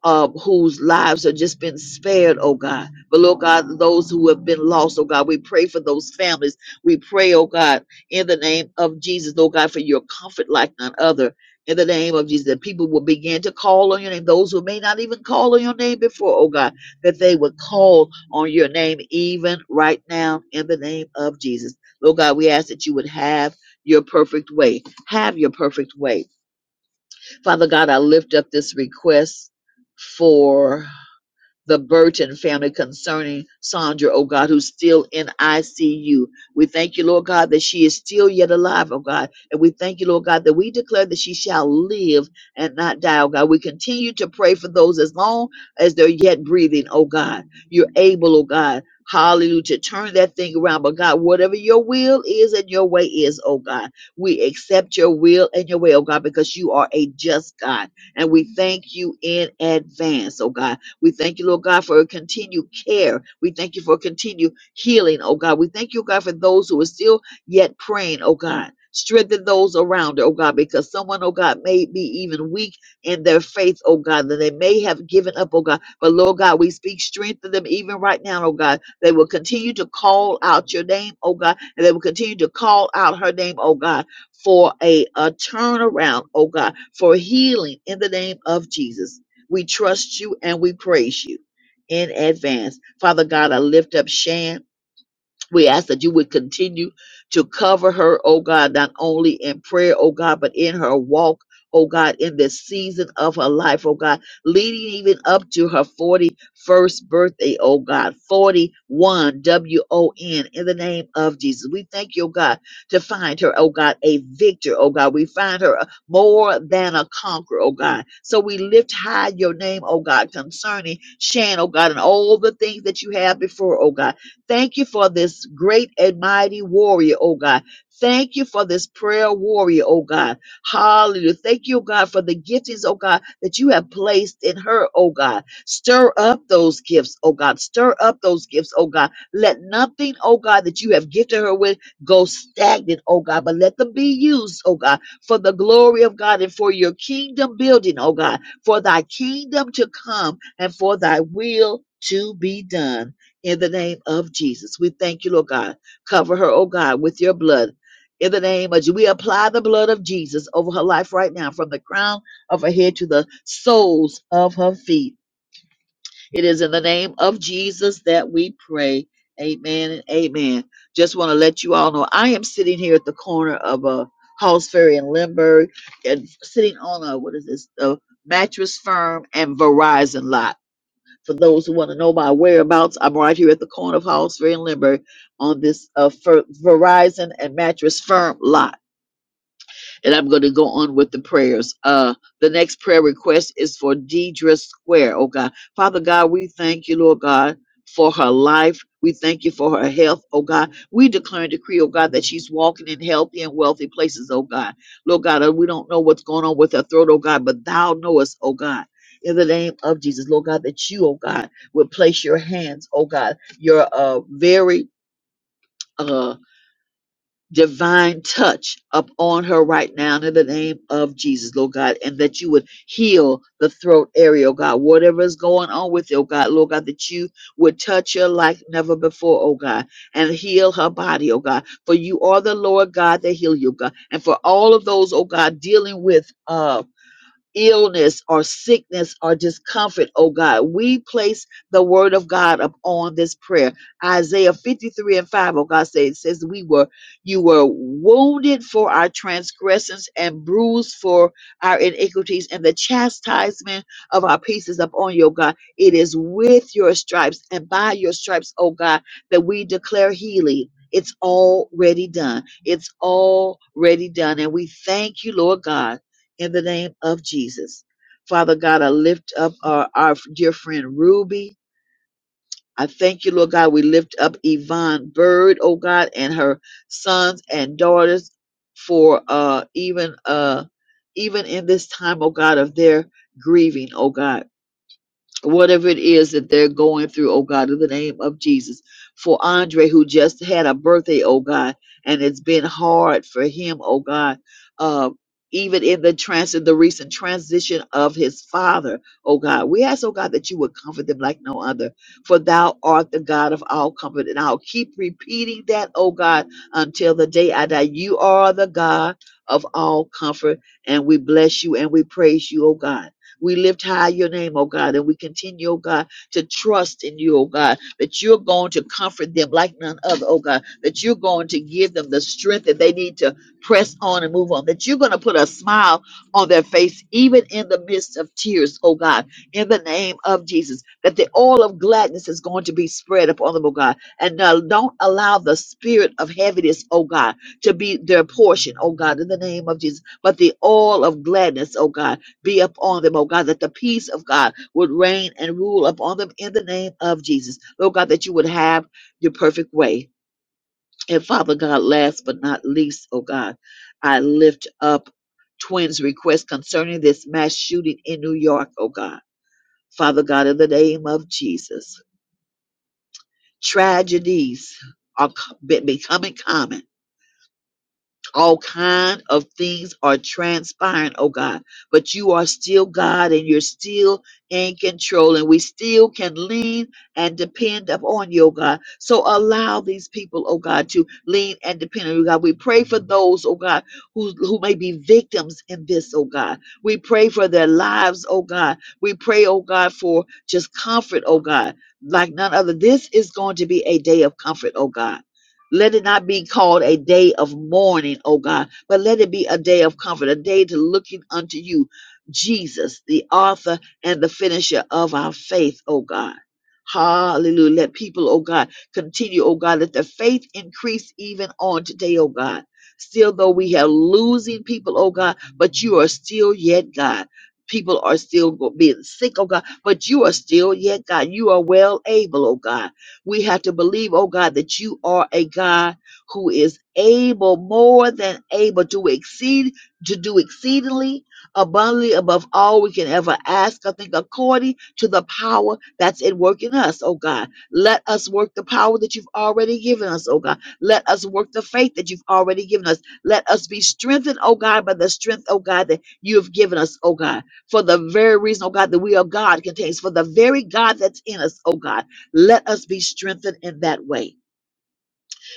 [SPEAKER 2] uh, whose lives have just been spared, oh God. But Lord God, those who have been lost, oh God, we pray for those families. We pray, oh God, in the name of Jesus, oh God, for your comfort like none other. In the name of Jesus, that people will begin to call on your name. Those who may not even call on your name before, oh God, that they would call on your name even right now in the name of Jesus. Lord God, we ask that you would have your perfect way. Have your perfect way Father God, I lift up this request for the Burton family concerning Sandra, oh God, who's still in ICU. We thank you, Lord God, that she is still yet alive, oh God. And we thank you, Lord God, that we declare that she shall live and not die, oh God. We continue to pray for those as long as they're yet breathing, oh God. You're able, oh God. Hallelujah, to turn that thing around. But God, whatever your will is and your way is, oh God, we accept your will and your way, oh God, because you are a just God. And we thank you in advance, oh God. We thank you, Lord God, for a continued care. We thank you for continued healing, oh God. We thank you, oh God, for those who are still yet praying, oh God. Strengthen those around, her, oh God, because someone, oh God, may be even weak in their faith, oh God, that they may have given up, oh God. But Lord God, we speak strength to them even right now, oh God. They will continue to call out your name, oh God, and they will continue to call out her name, oh God, for a, a turnaround, oh God, for healing in the name of Jesus. We trust you and we praise you in advance. Father God, I lift up Shan. We ask that you would continue to cover her, oh God, not only in prayer, oh God, but in her walk, oh God, in this season of her life, oh God, leading even up to her 41st birthday, oh God, 41 W O N, in the name of Jesus. We thank you, oh God, to find her, oh God, a victor, oh God. We find her a- more than a conqueror, oh God. So we lift high your name, oh God, concerning Shan, oh God, and all the things that you have before, oh God. Thank you for this great and mighty warrior, oh God. Thank you for this prayer warrior, oh God. Hallelujah. Thank you, oh God, for the giftings, oh God, that you have placed in her, oh God. Stir up those gifts, oh God. Stir up those gifts, oh God. Let nothing, oh God, that you have gifted her with go stagnant, oh God, but let them be used, oh God, for the glory of God and for your kingdom building, oh God, for thy kingdom to come and for thy will to be done in the name of Jesus. We thank you, Lord God. Cover her, oh God, with your blood. In the name of Jesus, we apply the blood of Jesus over her life right now, from the crown of her head to the soles of her feet. It is in the name of Jesus that we pray. Amen and amen. Just want to let you all know I am sitting here at the corner of uh, Halls Ferry in Lindbergh and sitting on a, what is this, a mattress firm and Verizon lot. For those who want to know my whereabouts, I'm right here at the corner of Hallsbury and Limburg on this uh, Fer- Verizon and Mattress Firm lot and I'm going to go on with the prayers. Uh, the next prayer request is for Deidre Square. Oh God, Father God, we thank you, Lord God, for her life. We thank you for her health, oh God. We declare and decree, oh God, that she's walking in healthy and wealthy places, oh God. Lord God, uh, we don't know what's going on with her throat, oh God, but thou knowest, oh God. In the name of Jesus, Lord God, that you, oh God, will place your hands, oh God, your uh very uh, divine touch upon her right now in the name of Jesus, Lord God, and that you would heal the throat area, oh God. Whatever is going on with you, oh God, Lord God, that you would touch her like never before, oh God, and heal her body, oh God. For you are the Lord God that heal you, oh God. And for all of those, oh God, dealing with uh illness or sickness or discomfort, oh God. We place the word of God upon this prayer. Isaiah 53 and 5, O God says, says we were you were wounded for our transgressions and bruised for our iniquities, and the chastisement of our peace is upon you, oh God. It is with your stripes and by your stripes, oh God, that we declare healing. It's already done. It's already done. And we thank you, Lord God in the name of Jesus. Father God, I lift up our, our dear friend Ruby. I thank you, Lord God. We lift up Yvonne Bird, oh God, and her sons and daughters for uh even uh even in this time, oh God, of their grieving, oh God whatever it is that they're going through, oh God, in the name of Jesus. For Andre, who just had a birthday, oh God, and it's been hard for him, oh God, uh, even in the transit, the recent transition of his father, oh God, we ask, oh God, that you would comfort them like no other. For thou art the God of all comfort. And I'll keep repeating that, oh God, until the day I die. You are the God of all comfort. And we bless you and we praise you, oh God. We lift high your name, oh God, and we continue, oh God, to trust in you, oh God, that you're going to comfort them like none other, oh God, that you're going to give them the strength that they need to press on and move on, that you're going to put a smile on their face, even in the midst of tears, oh God, in the name of Jesus, that the oil of gladness is going to be spread upon them, oh God, and uh, don't allow the spirit of heaviness, oh God, to be their portion, oh God, in the name of Jesus, but the oil of gladness, oh God be upon them, oh God, that the peace of God would reign and rule upon them in the name of Jesus. Lord God, that you would have your perfect way. And Father God, last but not least, oh God, I lift up twins' request concerning this mass shooting in New York, oh God. Father God, in the name of Jesus, tragedies are co- be- becoming common all kind of things are transpiring oh god but you are still god and you're still in control and we still can lean and depend upon you oh god so allow these people oh god to lean and depend on you god we pray for those oh god who, who may be victims in this oh god we pray for their lives oh god we pray oh god for just comfort oh god like none other this is going to be a day of comfort oh god let it not be called a day of mourning, oh God, but let it be a day of comfort, a day to looking unto you, Jesus, the author and the finisher of our faith, oh God. Hallelujah. Let people, oh God, continue, oh God, let their faith increase even on today, oh God. Still, though we have losing people, oh God, but you are still yet God. People are still go- being sick, oh God, but you are still yet God. You are well able, oh God. We have to believe, oh God, that you are a God who is able, more than able to exceed, to do exceedingly abundantly above all we can ever ask. I think according to the power that's at work in us, oh God. Let us work the power that you've already given us, oh God. Let us work the faith that you've already given us. Let us be strengthened, oh God, by the strength, oh God, that you have given us, oh God. For the very reason, oh God, that we are God contains, for the very God that's in us, oh God. Let us be strengthened in that way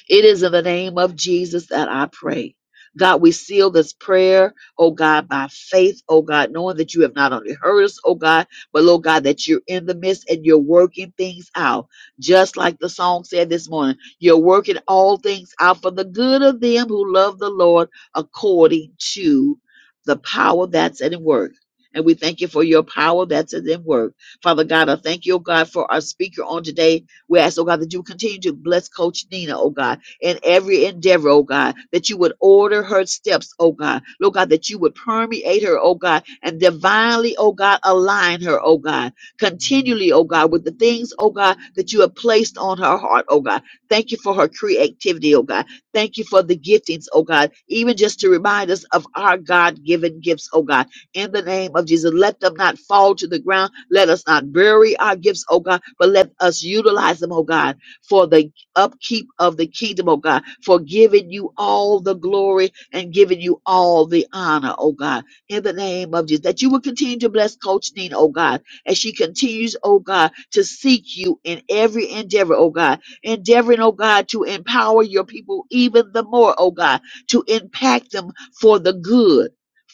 [SPEAKER 2] it is in the name of Jesus that I pray. God, we seal this prayer, oh God, by faith, oh God, knowing that you have not only heard us, oh God, but Lord God, that you're in the midst and you're working things out. Just like the song said this morning, you're working all things out for the good of them who love the Lord according to the power that's at work. And we thank you for your power that's at work. Father God, I thank you, oh God, for our speaker on today. We ask, oh God, that you continue to bless Coach Nina, oh God in every endeavor, oh God, that you would order her steps, oh God. Lord God, that you would permeate her, oh God, and divinely, oh God, align her, oh God, continually, oh God, with the things, oh God, that you have placed on her heart, oh God. Thank you for her creativity, oh God. Thank you for the giftings, oh God, even just to remind us of our God given gifts, oh God. In the name of Jesus, let them not fall to the ground. Let us not bury our gifts, oh God, but let us utilize them, oh God, for the upkeep of the kingdom, oh God, for giving you all the glory and giving you all the honor, oh God, in the name of Jesus. That you will continue to bless Coach Nina, oh God, as she continues, oh God, to seek you in every endeavor, oh God, endeavoring, oh God, to empower your people even the more, oh God, to impact them for the good.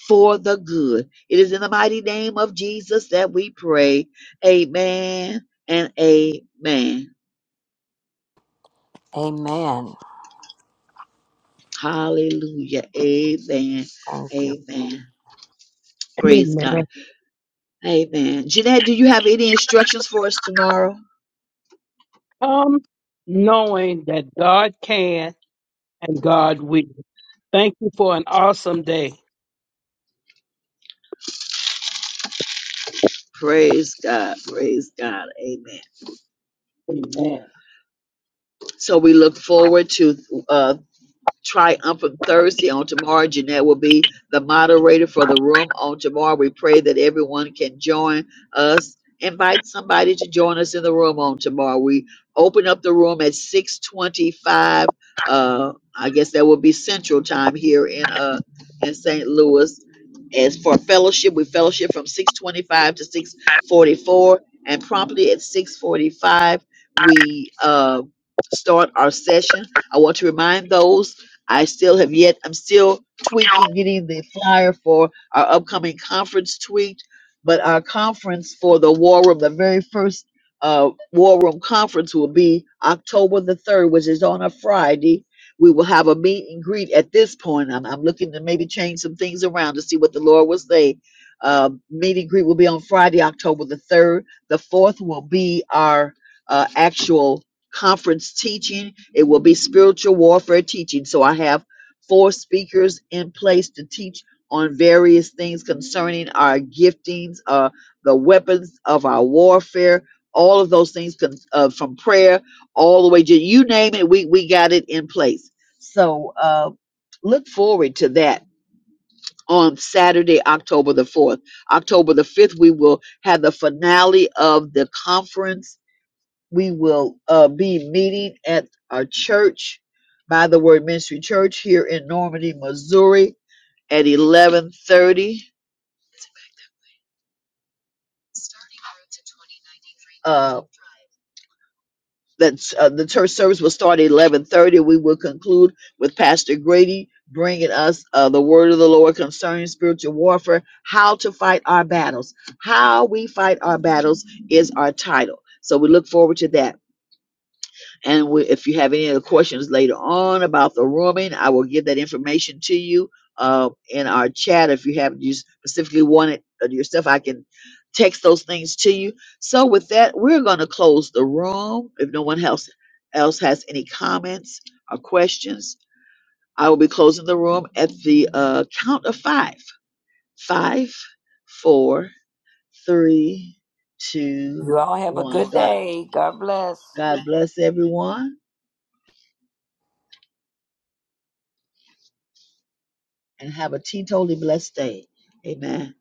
[SPEAKER 2] For the good. It is in the mighty name of Jesus that we pray. Amen and amen.
[SPEAKER 9] Amen.
[SPEAKER 2] Hallelujah. Amen.
[SPEAKER 9] Thank you.
[SPEAKER 2] Amen. Praise God.
[SPEAKER 6] Amen.
[SPEAKER 2] Amen. Jeanette, do you have any instructions for us tomorrow?
[SPEAKER 6] Come knowing that God can and God will. Thank you for an awesome day.
[SPEAKER 2] Praise God. Praise God. Amen.
[SPEAKER 6] Amen.
[SPEAKER 2] So we look forward to uh, triumphant Thursday on tomorrow. Jeanette will be the moderator for the room on tomorrow. We pray that everyone can join us. Invite somebody to join us in the room on tomorrow. We open up the room at 625. Uh, I guess that will be central time here in uh in St. Louis. As for fellowship, we fellowship from 625 to 644. And promptly at 645, we uh, start our session. I want to remind those I still have yet, I'm still tweaking, getting the flyer for our upcoming conference tweaked, but our conference for the War Room, the very first uh, War Room conference will be October the 3rd, which is on a Friday. We will have a meet and greet at this point. I'm, I'm looking to maybe change some things around to see what the Lord will say. Uh, meet and greet will be on Friday, October the 3rd. The 4th will be our uh, actual conference teaching. It will be spiritual warfare teaching. So I have four speakers in place to teach on various things concerning our giftings, uh, the weapons of our warfare, all of those things con- uh, from prayer all the way to you name it, we, we got it in place. So uh, look forward to that on Saturday, October the 4th. October the 5th, we will have the finale of the conference we will uh, be meeting at our church by the word ministry church here in normandy missouri at 11.30 uh, that's uh, the church service will start at 11.30 we will conclude with pastor grady bringing us uh, the word of the lord concerning spiritual warfare how to fight our battles how we fight our battles is our title so we look forward to that And we, if you have any other questions later on about the rooming, I will give that information to you uh, in our chat. If you have you specifically wanted yourself, I can text those things to you. So with that, we're going to close the room. If no one else else has any comments or questions, I will be closing the room at the uh, count of five. Five, four, three, two,
[SPEAKER 9] You all have a
[SPEAKER 2] one.
[SPEAKER 9] good
[SPEAKER 2] God,
[SPEAKER 9] day. God bless.
[SPEAKER 2] God bless everyone. and have a teetotally blessed day. Amen.